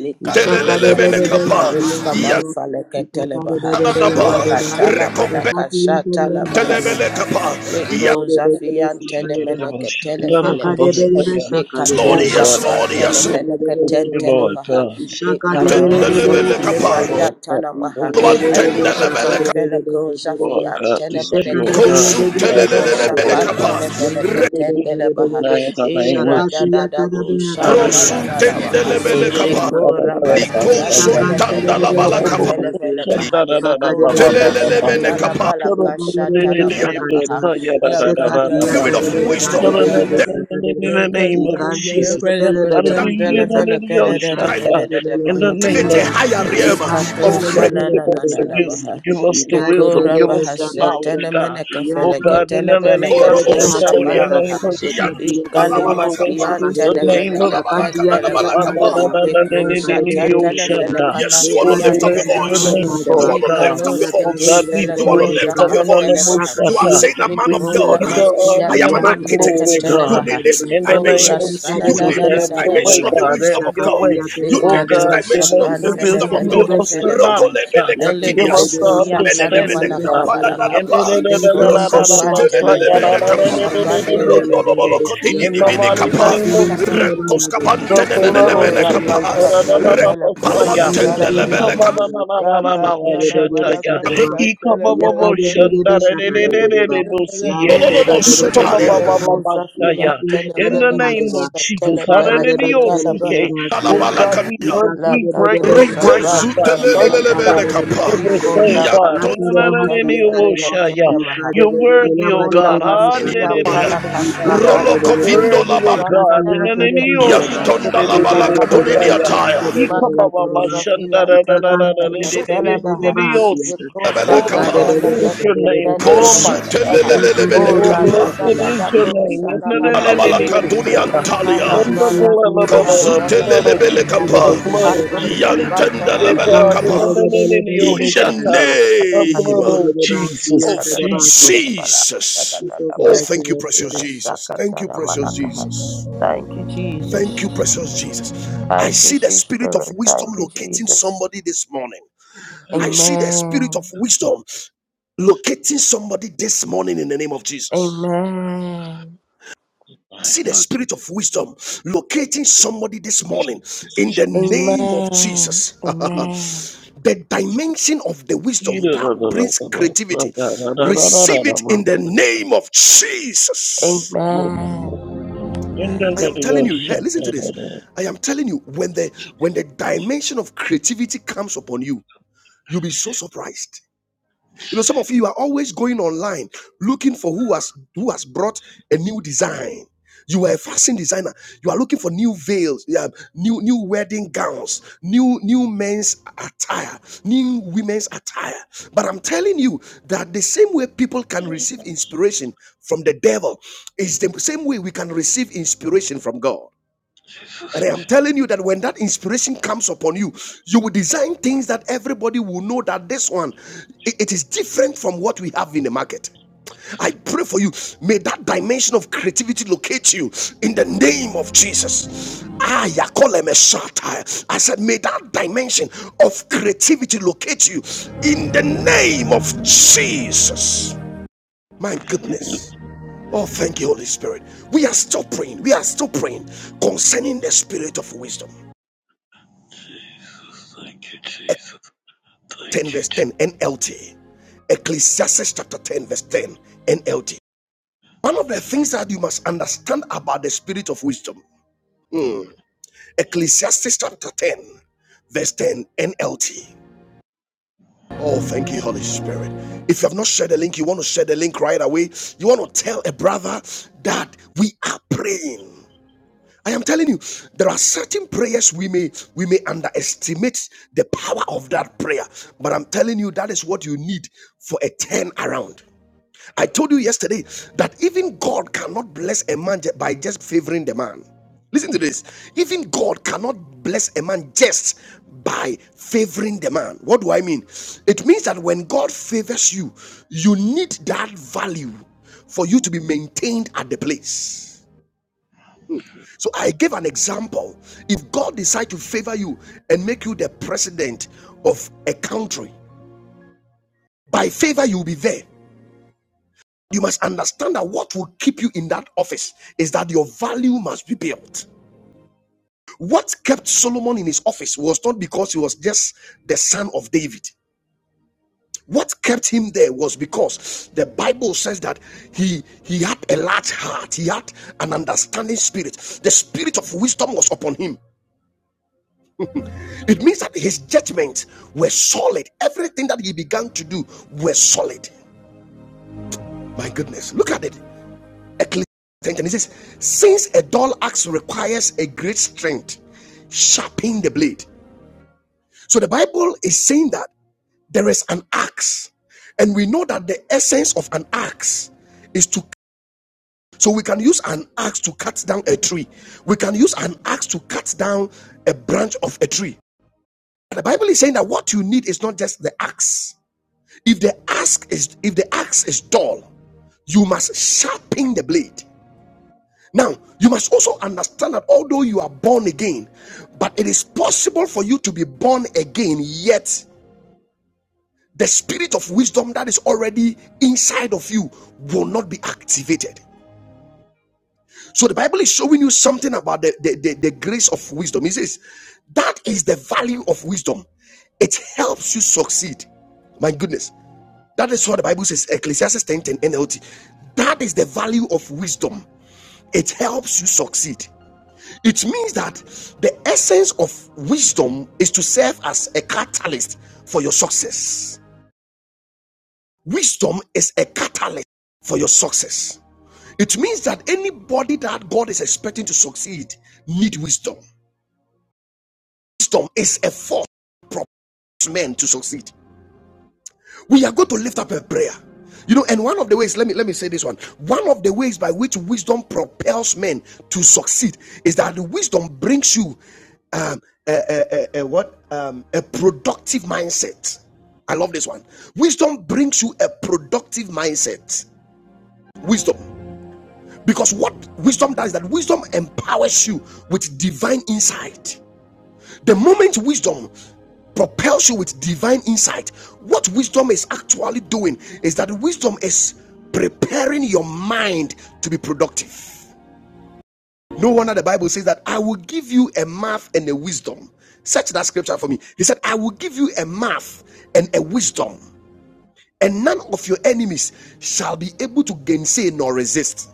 C: Likato
A: telelele mini
C: zapine
A: kapa,
C: kalus
A: iya
C: kaman fale ketele
B: de
C: baha.
B: bele
A: kada kapa,
B: bele,
C: Likatana
B: so,
A: rekompen
B: Pastor, you want to go
C: manakashata la
B: over
A: telelele
C: balakaha.
A: kapa,
C: Leko
A: iya
B: Shaka de bele
D: Oh
B: be
D: God, we
C: zafiantene felekehe le kato
A: Lord, yes
C: japran
A: Lord,
D: thank
C: tene
A: yes
D: you,
A: Lord,
D: we
C: feneke
D: thank
C: ten
D: you, Lord
C: televaha
D: God.
C: le
D: In the
C: kanamas
D: name of
A: telelele
D: Jesus,
C: kefele
A: kapa,
C: palia
D: Lord God,
C: tanamaha
D: thank you,
A: luan
D: sweet
C: ale
D: God,
C: kete
A: tendelele kapa,
C: feleko
D: Lord
C: zafian
D: God,
C: tene
D: that you are
C: menekehe
D: God
A: kosun
D: and
C: le
D: God
C: ko
D: of
A: telelele
D: all,
A: mini
D: Lord
C: shapan
D: God.
A: kapa,
C: tene feneke
D: We
C: ten
D: believe it
C: televaha
D: now in the
C: e
D: name of Jesus.
C: radadadabo shana na na
A: rekrosun
D: Hallelujah.
C: na na maha
D: Oh,
A: tendelele
C: le
A: kapa,
C: ko rabaskian
A: likosun
D: Shandadadadabasaya.
C: tene
A: tandala
C: feneke
D: Oh,
A: bala
C: ten
D: oh, oh,
A: kapa,
D: oh, oh,
A: li
C: telefelekaha
D: Shanda, da, da, da,
C: o
D: ba.
C: la
D: ba, ba, ba,
C: kasha
A: telelele mini kapa,
C: kashatala la
A: the
B: shaka de be,
C: balakaha yakatala
B: Sekasia
D: ba.
A: spirit of
B: tadebe
A: wisdom,
D: Come
C: balakaha
D: on, in,
B: hadebe
D: in, in, in,
B: satadeba.
D: in the
C: Yekato
D: name of
B: Ikante de
D: Jesus.
B: belebe de
A: the
D: Hallelujah.
B: basiata.
D: Hallelujah.
B: Ikante
D: Shatta.
B: de
D: In
B: belebe
D: the name
A: activate
D: of
A: a
B: siata.
A: higher
D: Jesus.
A: realm
B: Ikante
A: of
D: Oh
B: de
D: God,
A: great
C: shana
D: give
C: na
B: belebe
D: us
C: na
D: the
C: na
B: de
C: na
D: wisdom.
B: siata.
C: baha.
D: Give us the
B: Ikadebe
D: wisdom.
C: Likora
B: de
D: Give us
C: baha
D: the
B: shakadeba.
D: knowledge,
C: setene
D: God.
C: mene
D: Oh
C: kefele
D: God, in
C: ketele
D: the
B: Iyakante
C: pele
D: name of
A: Korobo
B: de
C: kato
D: Shatta, in the
A: Sotolia,
C: shapala
B: hasiata.
D: name
C: baha.
D: of Jesus.
B: Sekasia
A: Yantunda
C: Ikali
B: tadeba.
D: Oh,
A: Labalakapa,
D: blessed
C: maskian
D: is the
C: tene
B: Ipakadebe.
D: name
C: fene
D: of Jesus.
C: keten
B: Shakasia
C: tele
B: tadebe
D: Oh,
C: baha.
A: Linkalabalakadanabalakapa,
D: bless
B: hadeba.
C: Likro
B: Ipakadebe
C: shaten
B: de
C: tele
B: satadeba.
C: fele
A: Yes, you want to
B: Lebadu
C: kanaskian
A: lift
B: de
A: up your
C: tene
B: siata
D: your
C: baha.
D: name,
A: voice. You
B: hadeba.
D: Lord
A: want to
D: God.
A: lift up
C: Ikalo
A: your
D: Oh,
B: Iyakante
C: skete
D: God,
B: de
A: voice.
D: we
C: fele
A: You want
B: belebe
D: praise
A: to
C: koza
A: lift
B: de
D: God,
A: up your
D: God,
B: Thank
C: pandele baha.
A: voice.
D: God,
A: You are
D: God.
A: saying, "A man
D: We
A: of
D: give
A: God,
C: Nicola
D: you the
C: Maskia
A: I
D: honor
A: am
D: and
A: an
D: the
C: Tenemaneka
D: glory,
A: architect. You
D: God.
C: Telebaha,
A: need this
D: In the
C: O
A: dimension.
D: name of
C: Rasana
A: You
D: Jesus,
C: da
A: need
C: da da
A: this
D: have
C: da
D: your
C: da da
A: dimension
D: way,
A: of the
C: Baha,
D: God.
A: wisdom
D: Have
A: of
D: your
A: God.
D: way.
A: You
D: Oh,
A: need this
C: Nikato
D: God, give
A: dimension
D: us
A: of
C: Shapran
D: the
A: the wisdom of
D: wisdom,
A: God."
D: give
C: Kenefeneke
D: us the
C: Telebaha,
D: knowledge, God.
A: Rokolebele
C: Ele
D: Give
A: kantinias.
D: us the
C: Casconia
A: Medelemene
D: understanding,
C: Tanamanaka
D: God.
C: Falaha,
D: In the
A: kapadadadapa.
C: Nico Shapran
A: Rokosutelelebene
C: Tenefeneko
A: kapa.
C: Shapran
A: Rondo
C: Telebehe,
A: bolo kotini ni mini
C: Ikatu
A: kapa.
D: name of
C: Shatala
D: Jesus.
A: Rentos kapante
D: The
A: ne ne
D: blood of
A: mene
C: Likora
D: Jesus.
A: kapa.
C: paska tele
A: Rek
C: fele ko kosha
D: Ra-ra-ra-ra-ra-ra-ra-ra-ra-ra-ra-ra-ra. ra
A: palwantende
C: talabaha.
D: ika
A: lebele
D: ma
A: kapa.
D: ma ma ma
C: Yaka talabalaka
B: you. Yakadi
C: shateleveleka.
B: Bedebe Sakadi Bedeba,
C: Yanteleveleka
D: Ika-ba-ba-ba-shandarererererererosiye.
B: Lam Fede
A: Lolobo
B: Bedebe
A: sutalia.
C: shatenefele
B: Sadabeba,
C: koza
D: Ika-ba-ba-ba-ba-ba-shaya.
B: Ipakia
D: In the
B: kadebe,
C: fiyantelemeleke
D: name
B: Yakadebedebesakadebedeba.
D: of
B: Lamfedebedebesakadeba. Ipakiyakadebehadeba.
D: Jesus,
C: shatelepeleka
D: hallelujah.
C: talabaha.
D: Oh
B: Ipakadebedebelebelebasiyata.
A: Alabala
D: God, we
A: katia.
D: break, we break,
C: Lakato
D: we
A: Roko
D: break
B: Ipakadebedebelekadeba.
C: shapran
D: it, God, break it,
A: sutelelelele
C: tenemeleka.
A: mene
D: God.
A: kapa.
B: Isakadebedebesakadeba.
C: Iko
D: Everything,
C: la
D: God.
A: Yanto
C: parasa
B: Lakadebahasiyakadeba.
C: telefeleka
D: Hallelujah.
C: tenemaha.
D: You're worthy, oh
C: Iko la
D: God.
A: nini
C: maskiya
B: Ikadebedebelabadebedebesakadeba.
A: maya.
C: palaka
D: Hallelujah.
A: Rolo
C: shatala baha,
B: Ipakadebedebe.
A: kovindo la
D: Worthy, O
A: bala.
C: Ya
D: God, and then in
C: tenemeleka
D: the
B: Sakasiyakadebahadeba.
D: ocean, and
A: Yantonda
D: then
C: telemeleko
A: la
D: in
A: bala
D: the
A: katunini
C: baha.
D: Messiah.
A: ataya.
C: Makato
B: Ikadebedebesakadebedebelekadeba.
C: Zafian Tenemeneke Telebaha,
B: Ipakantebedebelebedebasiyata.
C: Yako
A: Sotelebele
B: Jesus
D: Oh,
C: Shapa
A: kapa.
D: blessed is your
C: Tenefeneke
D: name,
C: Ten
D: oh my
C: Telefenekaha,
D: Messiah.
A: Kosutelelelele mene
D: Oh,
C: Ora da
A: kapa.
C: da
D: blessed
C: da
D: is
C: da
D: your
C: Borusha
D: name. In
C: na na
D: the in
C: na
D: the-
C: na,
D: in the
A: Alabalakaduni
D: Messiah.
A: Antalya.
C: Dekala
D: In the blood of
C: Barasa
D: the blood of
C: Tenefenekehe,
D: Jesus, the
A: Kozutelelebelekapa.
D: blood of
C: Kato
D: Jesus.
C: Sapan
D: Yeah,
C: Tenefeneke
D: God, in
C: Ten
D: the
A: Yantandalabelekapa.
D: in the in the
A: In the
D: ocean, the
A: name
D: blood of Jesus,
C: da da
A: of
C: da da da
D: Jesus,
C: da Bala, da da
A: Jesus.
C: da da
A: Oh,
D: Jesus.
C: Baha,
B: mighty
A: thank you,
B: name,
A: precious Jesus. Thank you,
C: Rasakatana
A: precious
C: Manakaha.
A: Jesus.
C: Thank you,
A: Thank you,
C: Jesus.
A: precious Jesus. I
C: Thank you,
A: see the
C: sweet
A: spirit of
C: spirit.
A: wisdom
C: Thank you,
A: locating
C: Jesus.
A: somebody this morning.
D: And
A: I
D: the
A: see the spirit
C: Amen.
A: of wisdom locating somebody this morning in the name of Jesus.
C: Amen.
A: See the
D: blood of
A: spirit of wisdom locating somebody this morning
D: Jesus,
A: in the
D: Jesus,
A: name of
C: Amen.
A: Jesus.
D: Jesus.
C: Amen.
A: the
D: Yes,
A: dimension of the
D: In
A: wisdom
D: the
A: that brings creativity. Receive it in the name of Jesus.
C: Amen.
A: I
C: Amen.
A: am
D: middle
A: telling
D: of
A: you, here, listen to this.
D: Shandarada.
A: I am telling you, when the when the dimension of creativity comes upon you, you'll be so surprised. You know, some of you are always going online looking for who has who has brought a new design. You are a fashion designer. You are looking for new veils, yeah, new new wedding gowns, new new men's attire, new women's attire. But I'm telling you that the same way people can receive inspiration from the devil is the same way we can receive inspiration from God. And I am telling you that when that inspiration comes upon you, you will design things that everybody will know that this one it it is different from what we have in the market. I pray for you. May that dimension of creativity locate you in the name of Jesus. Ah, Yakolemeshata. I said, may that dimension of creativity locate you in the name of Jesus. My goodness. Oh, thank you, Holy Spirit. We are still praying. We are still praying concerning the spirit of wisdom.
D: Jesus, Thank you, Jesus.
A: 10 verse 10 NLT. Ecclesiastes chapter 10, verse 10 NLT. One of the things that you must understand about the spirit of wisdom. Hmm. Ecclesiastes chapter 10, verse 10 NLT. Oh, thank you, Holy Spirit. If you have not shared the link, you want to share the link right away. You want to tell a brother that we are praying. I am telling you, there are certain prayers we may we may underestimate the power of that prayer, but I'm telling you that is what you need for a turn around. I told you yesterday that even God cannot bless a man by just favoring the man. Listen to this. Even God cannot bless a man just by favoring the man. What do I mean? It means that when God favors you, you need that value for you to be maintained at the place. So I gave an example. If God decides to favor you and make you the president of a country, by favor you'll be there. You must understand that what will keep you in that office is that your value must be built. What kept Solomon in his office was not because he was just the son of David. What kept him there was because the Bible says that he he had a large heart, he had an understanding spirit. The spirit of wisdom was upon him. It means that his judgments were solid. Everything that he began to do was solid. My goodness, look at it. Ecclesiastes it says, Since a dull axe requires a great strength, sharpen the blade. So the Bible is saying that there is an axe, and we know that the essence of an axe is to so we can use an axe to cut down a tree. We can use an axe to cut down a branch of a tree. The Bible is saying that what you need is not just the axe. If the axe is if the axe is dull, you must sharpen the blade. Now, you must also understand that although you are born again, but it is possible for you to be born again, yet the spirit of wisdom that is already inside of you will not be activated. So the Bible is showing you something about the, the, the, the grace of wisdom. It says that is the value of wisdom. It helps you succeed. My goodness. That is what the Bible says, Ecclesiastes 10 NLT. That is the value of wisdom. It helps you succeed. It means that the essence of wisdom is to serve as a catalyst for your success. Wisdom is a catalyst for your success. It means that anybody that God is expecting to succeed need wisdom. Wisdom is a force that propels men to succeed. We are going to lift up a prayer. You know, and one of the ways, let me let me say this one. One of the ways by which wisdom propels men to succeed is that the wisdom brings you um, a, a, a, a what um, a productive mindset. I love this one. Wisdom brings you a productive mindset. Wisdom, because what wisdom does is that wisdom empowers you with divine insight. The moment wisdom propels you with divine insight, what wisdom is actually doing is that wisdom is preparing your mind to be productive. No wonder the Bible says that I will give you a mouth and a wisdom. Search that scripture for me. He said, I will give you a mouth and a wisdom, and none of your enemies shall be able to gainsay nor resist.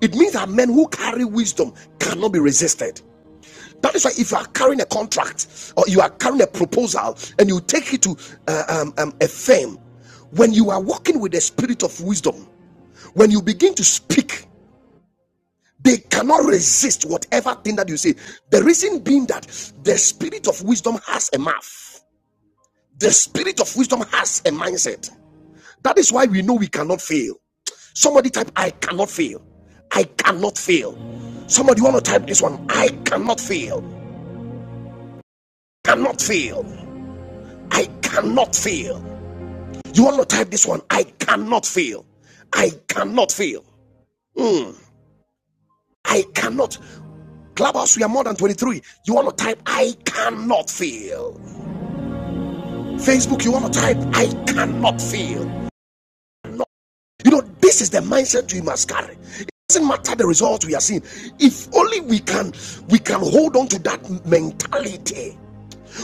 A: It means that men who carry wisdom cannot be resisted. That is why if you are carrying a contract or you are carrying a proposal and you take it to uh, um, um, a firm, when you are working with the spirit of wisdom, when you begin to speak, they cannot resist whatever thing that you say. The reason being that the spirit of wisdom has a mouth, the spirit of wisdom has a mindset. That is why we know we cannot fail. Somebody type, I cannot fail. I cannot fail. Somebody want to type this one, I cannot fail. Cannot fail. I cannot fail. You want to type this one? I cannot fail. I cannot fail. Mm. I cannot. Clubhouse, we are more than 23. You want to type, I cannot fail. Facebook, you want to type, I cannot fail. No. You know, this is the mindset we must carry. It doesn't matter the results we are seeing. If only we can, we can hold on to that mentality.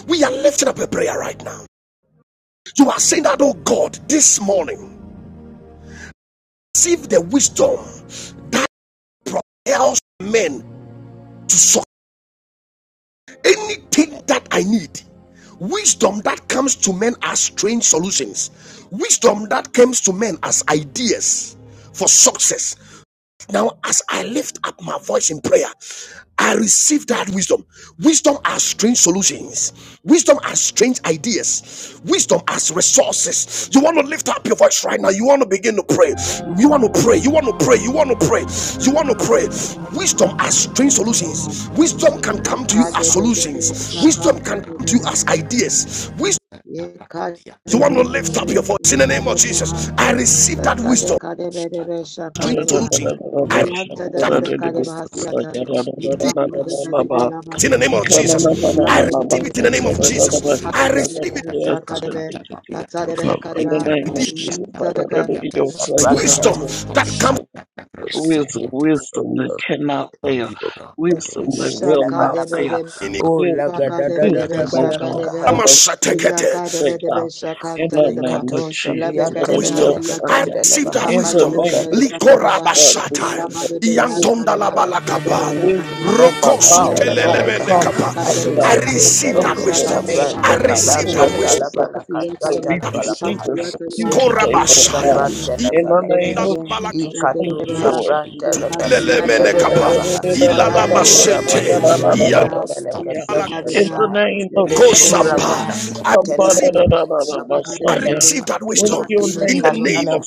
A: We are lifting up a prayer right now. You are saying that, oh God, this morning, receive the wisdom that. propels men to solve anything that I need. Wisdom that comes to men as strange solutions, wisdom that comes to men as ideas for success, now, as I lift up my voice in prayer, I receive that wisdom. Wisdom are strange solutions. Wisdom are strange ideas. Wisdom as resources. You want to lift up your voice right now. You want to begin to pray. You want to pray. You want to pray. You want to pray. You want to pray. Wisdom are
E: Shut
A: strange solutions. Wisdom can come to you as solutions. Wisdom can come to you as
B: amen.
A: ideas. Wisdom.
B: Ye kha
A: You
B: de
A: want
B: be
A: to lift up your
B: de
A: voice
B: be
A: in the
B: kha
A: name
B: de
A: of
B: be ha
A: Jesus. I receive that
B: satya de
A: wisdom.
B: kha de be de be sha
D: In
B: kha
A: Strange
B: de
D: the
B: be ha
A: solutions. I receive
B: naat satya
A: that.
B: de be
F: and
A: Wisdom
B: kha de be ha siya tha nikha kha de be de be la ba de
A: in the
B: be
A: name
B: ha
A: of
B: se
A: Jesus.
B: kha
A: I
B: de be de
A: receive
B: be
A: it in
B: se
A: the
B: kha
A: name
B: de
A: of
B: be
A: Jesus.
B: nikha kha
A: I
B: de
A: receive
B: be de
A: it
B: be sha kha de be naat kha de be kha
F: recover
B: de be ha
D: name
A: with
D: of
A: this
D: Jesus,
B: satya
F: the
B: de be
C: Shabrantele
A: wisdom that comes
F: Probaski
D: wisdom, wisdom that
F: as
D: cannot fail, wisdom
F: Probaski
D: that
B: sha
D: will
C: frantele
B: kha de
D: not fail.
B: be
C: balakaha.
A: in
E: up,
C: Oh laga
D: Wisdom,
C: da da da
B: Pakadebedebe
C: da
D: wisdom,
E: Thank
D: oh God.
C: balakukaha.
D: Give
B: shakadebeha.
D: us wisdom
A: Ikamashatekete.
D: today, God.
B: Yakadebedebe
D: In the
B: shakantadedeba.
D: name of
C: Likato
D: Jesus.
A: that
C: shabrantele
B: Ilabekedebeha
A: wisdom.
D: Hallelujah.
A: I
B: siyata.
C: menekatendele
A: receive that
C: baha.
D: In the
A: wisdom.
D: name
B: Ipakadebedebe
D: of Jesus,
B: shakadebeha.
D: God, we give us
B: Ilabadebe
D: the wisdom,
B: yantadebeha.
D: God.
B: Kadebedebe
D: Wisdom
B: kadebeha.
D: and the knowledge
C: Andele
B: Sipasiyatadeba.
D: only
C: felekaha
D: come from
B: Ipakadebedebe
A: I
D: God.
C: alikete
B: shakadebeha.
A: receive that
D: Something
C: feleko
D: that
A: wisdom.
D: man
B: Ishakantadeba.
A: I
C: shaprantene
D: cannot
A: receive
D: give
A: that
B: Ilabadebedebe
D: us,
C: lakata
A: wisdom.
D: oh
C: labala
D: God. So
C: kashata
B: shakasiyatadeba.
D: we
A: That
C: labala
D: receive
A: wisdom.
C: kaha
D: it from
B: Ipasiyatadeba.
D: you today,
C: likato
D: Lord
A: Korabashaya.
D: God.
B: Ikantadeba.
C: shaprantene
D: In the name
C: felekehe
D: of
B: Lebedebedebe.
A: Iandalabalakelemenekapa.
D: Jesus, thank
C: ikato
D: you,
B: Sededeba.
D: Lord
C: shaprantene
D: Jesus. In
C: felekete
B: Sipasiyatadeba.
C: telebaha
B: Ipakantadeba.
C: lekura
A: Ilalabashete.
C: paskian
A: Yandalabalakelelemene kapa.
C: tene
B: Ilabadebeha.
C: felekete
B: Thank
D: the
C: telebaha
D: name of
C: lekura
A: Kosampa.
C: bahasa
A: I
C: tele
A: receive,
C: feleko
A: I
C: shaprantene
D: Messiah.
A: receive that
D: In
A: wisdom
D: your
A: in
D: name,
A: the name
C: Likatana
A: of
D: Jesus.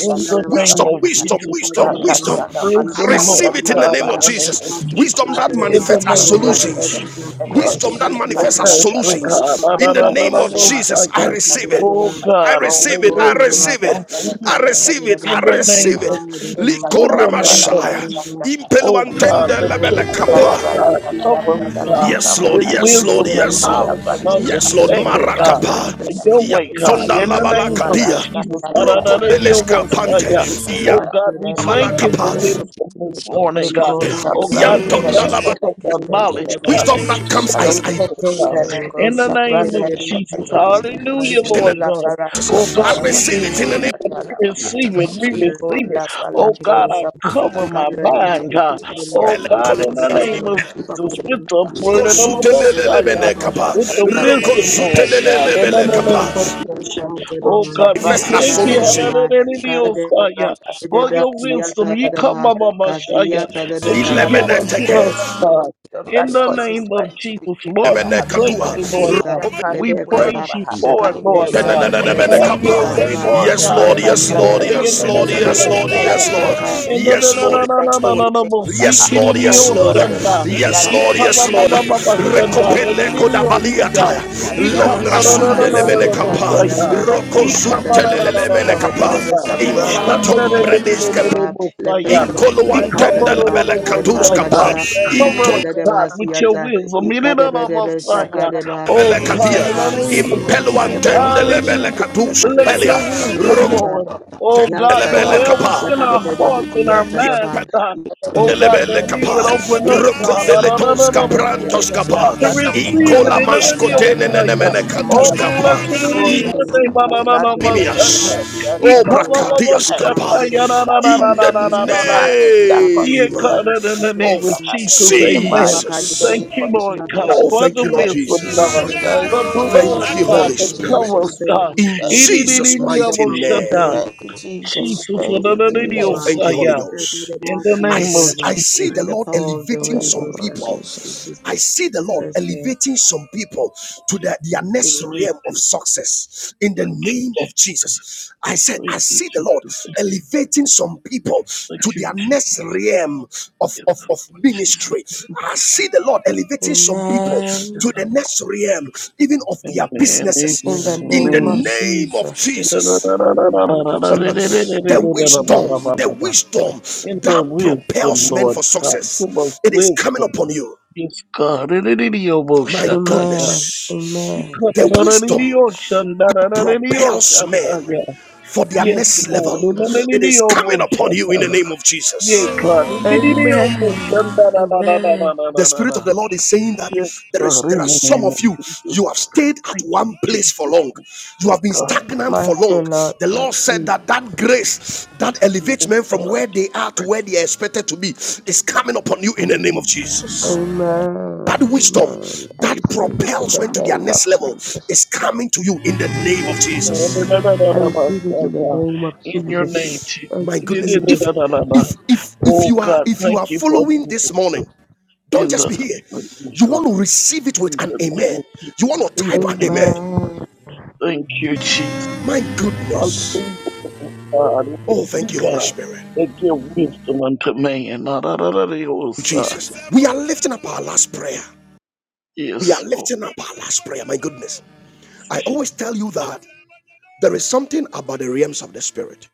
D: In the name
A: Wisdom,
D: of
C: barakaha.
A: wisdom,
D: Jesus,
E: Thank
A: wisdom,
D: God.
A: wisdom.
C: Yakatana
D: Praise
A: I
D: the Lord,
A: receive it in
C: manakashatala
A: the
D: God,
A: name
D: in
A: of
D: the name
C: barakaha.
D: of
A: Jesus.
D: Jesus.
A: Wisdom
F: Jesus
A: that
C: Ikatu
D: In the
A: manifests as
D: name of
C: satwantere bere.
A: solutions.
D: Jesus
C: Etere
D: Christ
A: Wisdom that
C: bere
D: of
A: manifests as
C: kashatala
D: Nazareth,
C: baha.
D: God.
A: solutions. In the name of
C: Yatana
A: Jesus, I
D: Messiah.
A: receive
C: manakashatala
A: it.
D: Oh,
A: I
C: baha.
D: God, only
A: receive it.
C: Ikul
A: I
D: wisdom
A: receive
C: satele
D: comes from
A: it.
D: you,
A: I
C: tele
D: God.
A: receive it.
C: tele
A: I
D: In the
C: tele
D: name
C: kaha.
A: receive it.
D: of Jesus. In
C: Ikatala
D: the name of
A: Likoramashaya.
B: you.
C: barakashatala baha.
D: Oh
B: Lord,
D: God,
B: my
A: Impeluantende
D: let
B: God,
D: your
B: in the
C: Ikatala
D: blood,
B: I
A: lebelekapa.
D: God,
B: receive
D: cover us,
B: praise of
D: God,
B: God.
C: barakashatala
A: Yes,
B: I
A: Lord.
D: with
C: baha.
B: receive the
A: Yes, Lord.
B: heaven's
D: wisdom and
B: praise
A: Yes,
B: of
C: Ikul
A: Lord.
B: God.
D: knowledge and
B: We
C: labadi
B: start
A: Yes,
B: with the
A: Lord.
B: Lord,
C: kadeske
B: God.
D: understanding,
B: We
D: God.
B: start
C: wantere
A: Marakapa.
B: with the
C: bere.
B: Lord.
D: Your way,
B: The
D: God,
A: Yatonda
B: Spirit
D: in
B: of
D: the
A: labala
D: name
B: faith,
D: of
B: God.
A: kapia.
C: Yakatu
B: The
D: Jesus.
B: Spirit of God, the
A: Rokoveleska
B: Father, God.
A: pante.
D: Da-da-da-da-da-da-da-da.
B: We seek
D: Oh
B: God,
D: God,
B: the
D: we
B: Lord.
D: thank
A: Yabala
B: The
D: you
A: kapa.
D: for
B: Spirit of
D: wisdom this
B: God,
D: morning,
B: we
F: Probaski
D: God.
B: seek God, the
F: and
D: Oh
B: Lord, God.
D: God, we
A: Yantonda
D: thank
F: Probaski
A: lava.
D: you for
B: We
D: the
B: seek God, the
D: knowledge,
B: Lord,
D: God,
A: Wisdom
D: that you
A: that
B: The
A: comes
D: give
B: Spirit
D: us
A: as
B: of
A: I
D: today,
B: God,
D: God. In the name of Jesus,
F: let
B: We
F: me
B: seek
D: hallelujah,
B: the
F: Jesus
A: in
D: Lord God. Oh
B: Lord, God.
A: I
D: God,
F: covers
B: We
D: we
A: receive it in the name
D: receive it, we
B: seek
D: receive it,
B: God, the
F: us
D: we
B: Lord.
D: receive it.
B: The
D: Oh
E: you.
D: God, I cover my
B: spirit
D: mind, God. Oh
A: of
D: God,
A: Pelekot.
D: in the
C: sapata
D: name of Jesus, with the blood of the Most High,
B: of
D: God.
A: Kosutelelelebele kapa.
D: with the wisdom, Lord God. In
A: Rokosutelelelebele
D: the name of
A: kapa.
D: Oh God, we
A: First
C: sapata
A: a
D: thank you,
C: sapata
A: solution.
D: hallelujah,
C: The
D: Messiah, for your wisdom. You come, Mama Messiah,
E: Jesus,
D: that
B: God,
D: you
E: cut
D: give
E: the
D: unto
A: Ilemeneteke.
D: us,
E: shut
D: God.
E: the
C: wisdom
D: In
C: that
E: box,
F: like
D: the
F: a
E: you
C: causes
D: name of
C: man to be
D: Jesus, Lord,
C: creative,
E: know,
C: I
D: we
C: have.
D: thank
C: I
A: Ilemenekadua.
D: you,
E: it's
D: Lord
C: receive
D: God.
E: fucking
C: that kind
E: okay.
C: of
D: We
C: wisdom,
D: praise
C: I
D: you
E: Eat
C: have.
D: for it,
E: out
C: In the
E: a
D: Lord
A: Yes,
E: scotch,
D: God.
C: name of
D: Have
C: Jesus,
D: your
C: I
E: some
C: have.
D: way,
E: of
D: Lord
C: Oh,
E: us
D: God.
A: Lord,
E: really
D: Have
A: yes,
C: lakata,
D: your
A: Lord,
E: like
D: way in
A: yes,
D: the
A: Lord,
E: it,
D: name
A: yes,
D: of
A: Lord,
C: lakata. the
D: Messiah.
A: yes,
E: Era
C: ability to
A: Lord,
D: And
C: be
D: the
E: iko
D: na
A: yes,
C: able
D: na
C: to
D: na
A: Lord,
E: saka
D: na na
A: yes,
C: invent
A: Lord.
D: na
C: new
E: katali
D: na bo
C: things, I
D: si
A: Yes,
C: have.
E: era
D: kiri
A: Lord,
D: ni
C: Oh,
A: yes,
D: o
E: iko
A: Lord,
C: Lord, I
E: saka
D: shanda.
C: receive
E: katali
B: Shaka
A: yes,
C: that
A: Lord,
D: Ika
C: wisdom,
E: era
C: I
D: ba
A: yes,
D: ba
C: have.
A: Lord.
D: ba
E: saka
D: ba ba
C: In the
E: tika
D: shanda.
C: name
D: Ni
C: of
E: tata
D: ni
A: Recopele
E: pa
D: ni ni
A: coda
C: Jesus,
D: o
E: era
D: siga.
A: baliata,
C: I have.
D: Ika
E: iko
C: Jana
D: ba
A: longra
D: na
C: mana
D: na
E: saka
D: na na
A: sundele
E: katali
C: kasa,
D: na na
B: Fakadebedeba
D: bo
C: jana
A: menecapa,
C: pala
D: shaga.
B: Hasiata,
C: kasa,
A: roco
E: iko
D: Ika
C: jana.
E: saka
D: ba na
A: suntele
D: na
B: Ishadadebe,
E: katali
D: na na na
A: menecapa,
E: era
B: Kadebedebe
D: shanda.
E: saka
B: Satadaba,
D: Shanda ni
A: infalatombre
D: ni ni ni
A: disca,
D: ni ni
B: Ikasikantanaba,
D: bo saya.
B: Lepekadaba,
D: Ika ba
A: incoluantende
D: na
A: la
D: na
B: Sepantadaba,
D: na bo shaga.
A: belecaduscapa,
B: Lepakadeba,
E: tika
D: Cover
A: inton.
D: us,
B: Isadadeba
D: God,
E: tata pa
D: with your
B: Hasiata,
D: wisdom. Ni ni na na bo
E: era
B: Ikadebedebe
E: saka
D: saya.
B: Shakadeba,
E: kopia
D: Oh
E: tata
D: God,
A: Melekatia,
D: in
E: era
D: the name of
B: Ishakantadeba,
E: era
B: by the
D: Jesus.
E: saka
B: power of
A: impeluantende
B: the Holy Ghost,
E: konsaka
D: Hallelujah.
A: lebelekatus,
E: brandi era iko
D: Let
A: pelia,
D: your
B: Sakasatadeba,
D: wisdom,
A: roco.
E: saka
B: Ipakadeba,
D: Lord.
E: pa era era tata pa era
D: Oh God, do
A: Lebele
B: Yantadeba,
D: well within
A: kapa.
D: our
B: Shakadebedebe
D: hearts and our minds,
B: Tiatadaba,
D: God. Oh
F: every
D: God, that
A: Indelebele
D: we
A: kapa.
D: will
E: era
D: open up,
A: Roko
D: God, ah,
C: Yeah.
D: nah, nah,
A: veletons
D: nah, nah,
A: kaprantos
B: Kadebedebe,
D: Messiah,
C: I
A: kapa.
D: to receive
B: Isa
D: it
A: Incola
D: in
E: iko
D: the name
B: Kadebna,
D: of
A: maskotene
D: Messiah.
B: Isa
A: nenemene katus
E: saka
D: Oh,
B: Kadebna,
A: kapa.
D: blessed
B: Ipa
D: it is the
B: Kadebna,
D: name ah, nah,
B: Isa
D: nah, nah,
B: Kadebna,
A: Inimias.
D: Messiah.
B: Isa
D: He
A: obra
D: come up
B: Kadebna,
D: of us,
A: brakatias
B: Ipa
A: kapa.
C: receive
D: Shataya,
B: Kadebna,
D: nah, nah,
C: that
D: nah, nah,
A: In
C: kind of
D: nah,
B: Isa
A: the
D: nah, nah,
C: wisdom
D: nah,
B: Kadebna,
D: nah, nah.
C: ah, that
B: Isa
D: Yeah,
A: name
C: causes
D: God,
C: man
B: Kadebna,
C: to be
D: in the
B: Isa
D: name
C: creative
A: of
D: of
B: Kadebna,
C: ah,
D: Jesus,
C: in the
D: amen.
B: Ipa
C: mighty
A: Jesus.
D: Thank
B: Kadebna,
C: name
D: you,
C: of
D: Lord
B: Isa
D: God,
C: Jesus.
A: Oh,
D: for
A: thank
D: the
A: you,
B: Kadebna,
A: Lord
C: Thank you,
D: wisdom,
B: Ipa
A: Jesus.
D: God,
C: Jesus.
B: Kadebna,
C: Thank
D: the
C: you,
D: blood,
A: Thank you,
C: Jesus.
D: God,
A: Holy
C: Thank you,
D: that
A: Spirit.
D: covers,
C: Jesus.
D: God.
B: Ipa
A: In
C: Thank
D: Ee,
C: you,
D: dee,
B: Kadebna,
D: dee,
A: Jesus'
D: dee, dee,
B: and
D: oh,
B: the
C: Jesus.
A: mighty
B: power of the
D: Messiah.
A: name.
B: Holy
C: Thank you,
B: Ghost, in
C: Jesus.
D: Jesus, in
C: Thank
B: Jesus'
C: you,
B: mighty
A: Oh,
C: Jesus.
B: name,
A: thank you, Holy
B: Isa
A: Ghost.
B: Kadebna,
D: the
A: I I
B: Isa
D: name of
B: Kadebna,
A: see
D: Jesus.
A: the
B: and the
A: Lord
B: power of the
C: In
A: elevating
C: the
B: Holy
A: some
C: name
B: Ghost.
C: of
A: people.
B: In
C: Jesus.
A: I see the Lord
B: Jesus' name.
A: elevating some people
D: Thank
A: to
D: you,
A: the, their next realm of
D: Jesus.
A: success in the
D: Thank you,
A: name of
D: Jesus.
A: Jesus. I said,
D: Thank
A: I
D: you,
A: see the Lord
D: Jesus.
A: elevating some people
D: Thank
A: to
D: you,
A: their next
D: Jesus.
A: realm of,
D: Yes,
A: of, of
D: Jesus.
A: ministry. I see the Lord elevating some people
C: Amen.
A: to the next realm, even of their
D: Amen,
C: In the
D: amen,
A: businesses in the
C: name of
D: amen.
A: name of
C: Jesus.
A: Jesus
C: Thank you, Jesus.
A: the
C: Thank you, Jesus.
A: wisdom, the wisdom
D: In
A: that
D: the wisdom,
A: propels men
D: Lord
A: for
D: God, give us
A: success, it is coming
D: wisdom.
A: upon you.
D: Yes, God. In the name of
A: My
D: Jesus.
C: Amen.
A: goodness,
D: Yes,
C: Amen.
A: the wisdom that propels men for their next
D: Lord.
A: level, it is coming upon you in the name of
D: Yeah,
A: Jesus.
D: God.
C: Amen. Amen.
A: the spirit of the lord is saying that
D: Yes,
A: there
D: God,
A: is there
D: in
A: are
D: the
A: some
D: name
A: of
D: of
A: you
D: Jesus.
A: you have stayed at
D: Thank
A: one
D: you,
A: place for
D: Jesus.
A: long you
D: Lord
A: have been
D: God.
A: stagnant
C: My
A: for long
C: soul, Lord,
A: the
C: my
A: lord said
C: sweet.
A: that that grace that
D: Yes,
A: elevates men from
D: God.
A: where they are to where
D: Praise
A: they are expected to be is coming upon you in the name of jesus
C: Amen.
A: that wisdom
C: Amen. I
A: that
C: receive it in
A: propels
C: the
A: men to their
C: name of
A: next level
C: Jesus.
A: is coming to you in the name
D: the
A: of
D: Lord.
A: jesus
C: I receive it in the name of
D: In your
C: Jesus.
D: name, Jesus.
C: Thank
A: my
C: you,
A: goodness
C: Jesus.
A: if if if if
D: Oh,
A: you are
D: God,
A: if you
D: thank
A: are
D: you for the
A: following this morning
D: wisdom.
A: Don't
D: In
A: just
D: the
A: be here.
D: name of
A: You
D: Jesus.
A: want to receive it with
D: In
A: an
D: the name
A: amen.
D: of
A: You
D: Jesus.
A: want to
D: In
A: type
D: the
A: an
D: name of
A: amen.
D: Jesus.
C: Amen.
D: Thank you, Jesus.
A: My goodness.
D: Hallelujah, God.
A: Oh, thank
D: Hallelujah,
A: you, Holy
D: God.
A: Spirit.
D: They give wisdom unto man. Na, da, da, da, da, oh, sir.
A: Jesus. We are lifting up our last prayer. We are
D: Yes, Lord.
A: lifting up our last prayer. My goodness. I
D: Jesus.
A: always tell you that there is something about the realms of the spirit.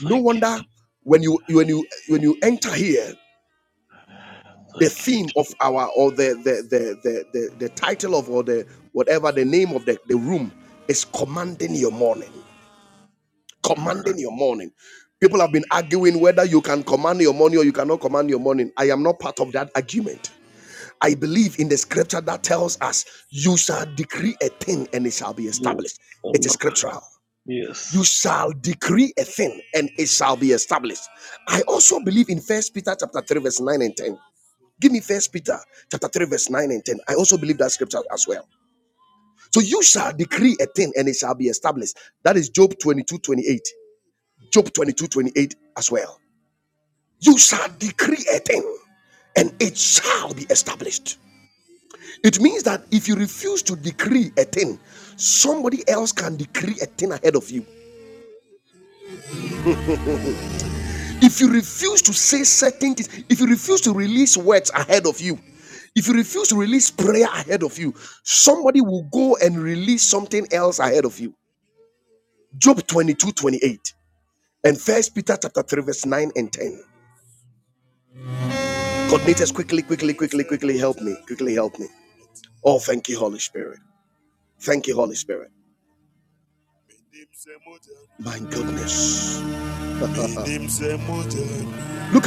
A: No
D: Thank you.
A: wonder when you when you when you enter here,
D: Jesus.
A: the
D: Thank
A: theme of our or the the the the, the, the title of or the whatever the name of the, the room is commanding your morning. commanding your morning. People have been arguing whether you can command your morning or you cannot command your morning. I am not part of that argument. I believe in the scripture that tells us, You shall decree a thing and it shall be
D: you. Jesus. Yes.
A: established. It
D: I'm
A: is
D: up.
A: scriptural. You
D: Yes.
A: shall decree a thing and it shall be established. I also believe in First Peter chapter 3, verse 9 and 10. Give me First Peter chapter 3, verse 9 and 10. I also believe that scripture as well. So you shall decree a thing and it shall be established. That is Job 22 28. Job 22 28 as well. You shall decree a thing and it shall be established. It means that if you refuse to decree a thing, somebody else can decree a thing ahead of you. If you refuse to say certain things, if you refuse to release words ahead of you, if you refuse to release prayer ahead of you, somebody will go and release something else ahead of you. Job 22 28 and First Peter chapter 3, verse 9 and 10. Coordinators, quickly, quickly, quickly, quickly help me. Quickly help me. Oh, thank you, Holy Spirit. Thank you, Holy Spirit. My goodness. Look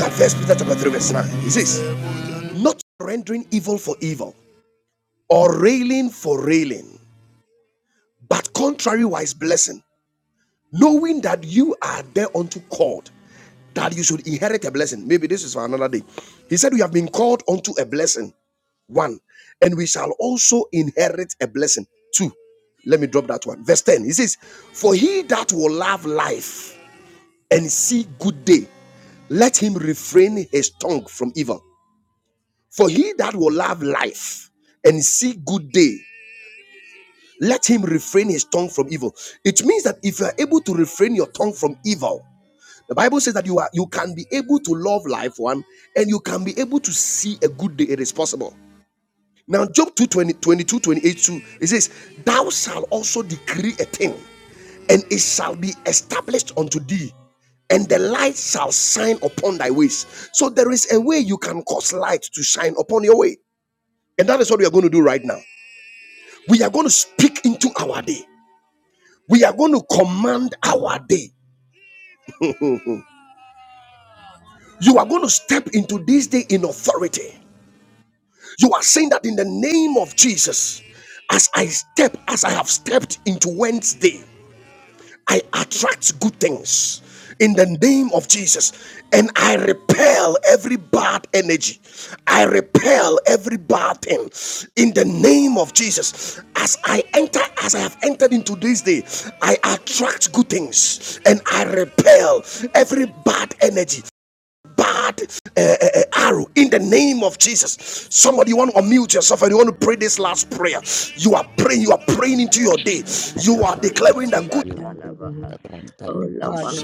A: at First Peter chapter 3, verse 9. It says, Not rendering evil for evil or railing for railing, but contrariwise blessing, knowing that you are thereunto called, that you should inherit a blessing. Maybe this is for another day. He said, "We have been called unto a blessing. One, and we shall also inherit a blessing. Two, let me drop that one. Verse 10. He says, For he that will love life and see good day, let him refrain his tongue from evil. For he that will love life and see good day, let him refrain his tongue from evil. It means that if you are able to refrain your tongue from evil, the Bible says that you are you can be able to love life one and you can be able to see a good day. It is possible. Now, Job two twenty twenty 2, it says, Thou shalt also decree a thing, and it shall be established unto thee, and the light shall shine upon thy ways. So, there is a way you can cause light to shine upon your way. And that is what we are going to do right now. We are going to speak into our day, we are going to command our day. You are going to step into this day in authority. You are saying that in the name of Jesus, as I step, as I have stepped into Wednesday. I attract good things in the name of Jesus. And I repel every bad energy. I repel every bad thing in the name of Jesus. As I enter, as I have entered into this day, I attract good things and I repel every bad energy. Bad uh, uh, uh, arrow in the name of Jesus. Somebody, you want to unmute yourself and you want to pray this last prayer. You are praying, you are praying into your day. You are declaring that
C: Labalakashatalabaha.
B: Let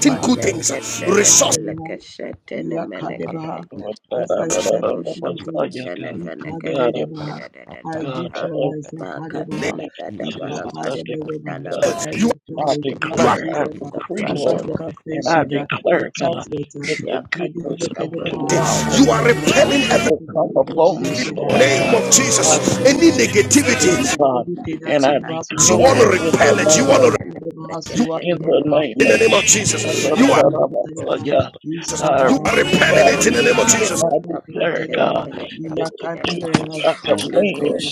B: power
A: good things, resources.
B: Yakadebaha, Yakadebaha.
D: Oh, God.
B: As
D: da, da,
B: I
D: da,
B: step
D: da,
C: Oh,
D: da,
B: into the
D: da,
C: shapra
D: da, yeah,
C: tele
D: God.
B: day,
C: fene kete
D: God, I,
C: da
B: Yakadebaha,
C: da da
B: I
C: da
D: God, I,
C: ba
B: neutralize
D: I
C: ma
A: You
B: Yakadebaha,
C: katana
D: thank
C: da da
D: you,
C: bala
D: Jesus. I
C: kasha
D: decree,
C: da
B: Yakadebaha.
C: da
D: God.
C: bala
B: Every
A: are,
B: power
D: I
B: with the blood
A: you
B: of
A: are
D: declare, I
C: meko
B: Jesus, uh,
D: decree,
F: consumption
B: every
C: shapra
B: band
D: Lord,
C: tele
B: of
C: fene
D: and I
B: contention,
C: kete
B: enchantment, uh, and
D: declare, God,
B: church letter.
D: that
C: ya
D: the
C: kato
D: goodness
F: then
D: of
C: shapra
F: brother
B: Yakadebaha,
C: tele
D: tomorrow,
C: fene
A: you are
D: God,
B: Shekha,
A: repelling
D: that
A: every
D: will come upon me,
B: imagination, uh,
D: Lord,
C: ya
A: name
D: God.
A: of
C: kato
D: I
F: Shaping
C: shapra
A: Jesus. Any
B: Yakadebaha,
C: tele fene
B: and things
D: see,
A: negativity,
B: with
C: kete
D: God,
B: everything that
D: and I
B: can
C: ha
F: negativity
B: pass
A: you want
B: water,
A: to
D: declare
C: yeko
D: in
B: the
D: the
A: repel it.
C: shapra
A: You
D: name
A: want
B: enemy,
D: of,
A: to
C: tele fene
A: you
C: kete
D: in the
C: tele
B: Yakadebaha,
D: name
A: in the
D: of
B: he
A: name of
D: Jesus,
B: can't
F: I
B: tell
A: Jesus.
F: repel
B: them
A: You are
F: all
B: waiting
D: I,
A: you are repelling
D: God,
A: it in the name of
D: decree and
A: Jesus.
D: I declare, God, that the
C: da da bala
D: goodness I
C: Liko
D: command.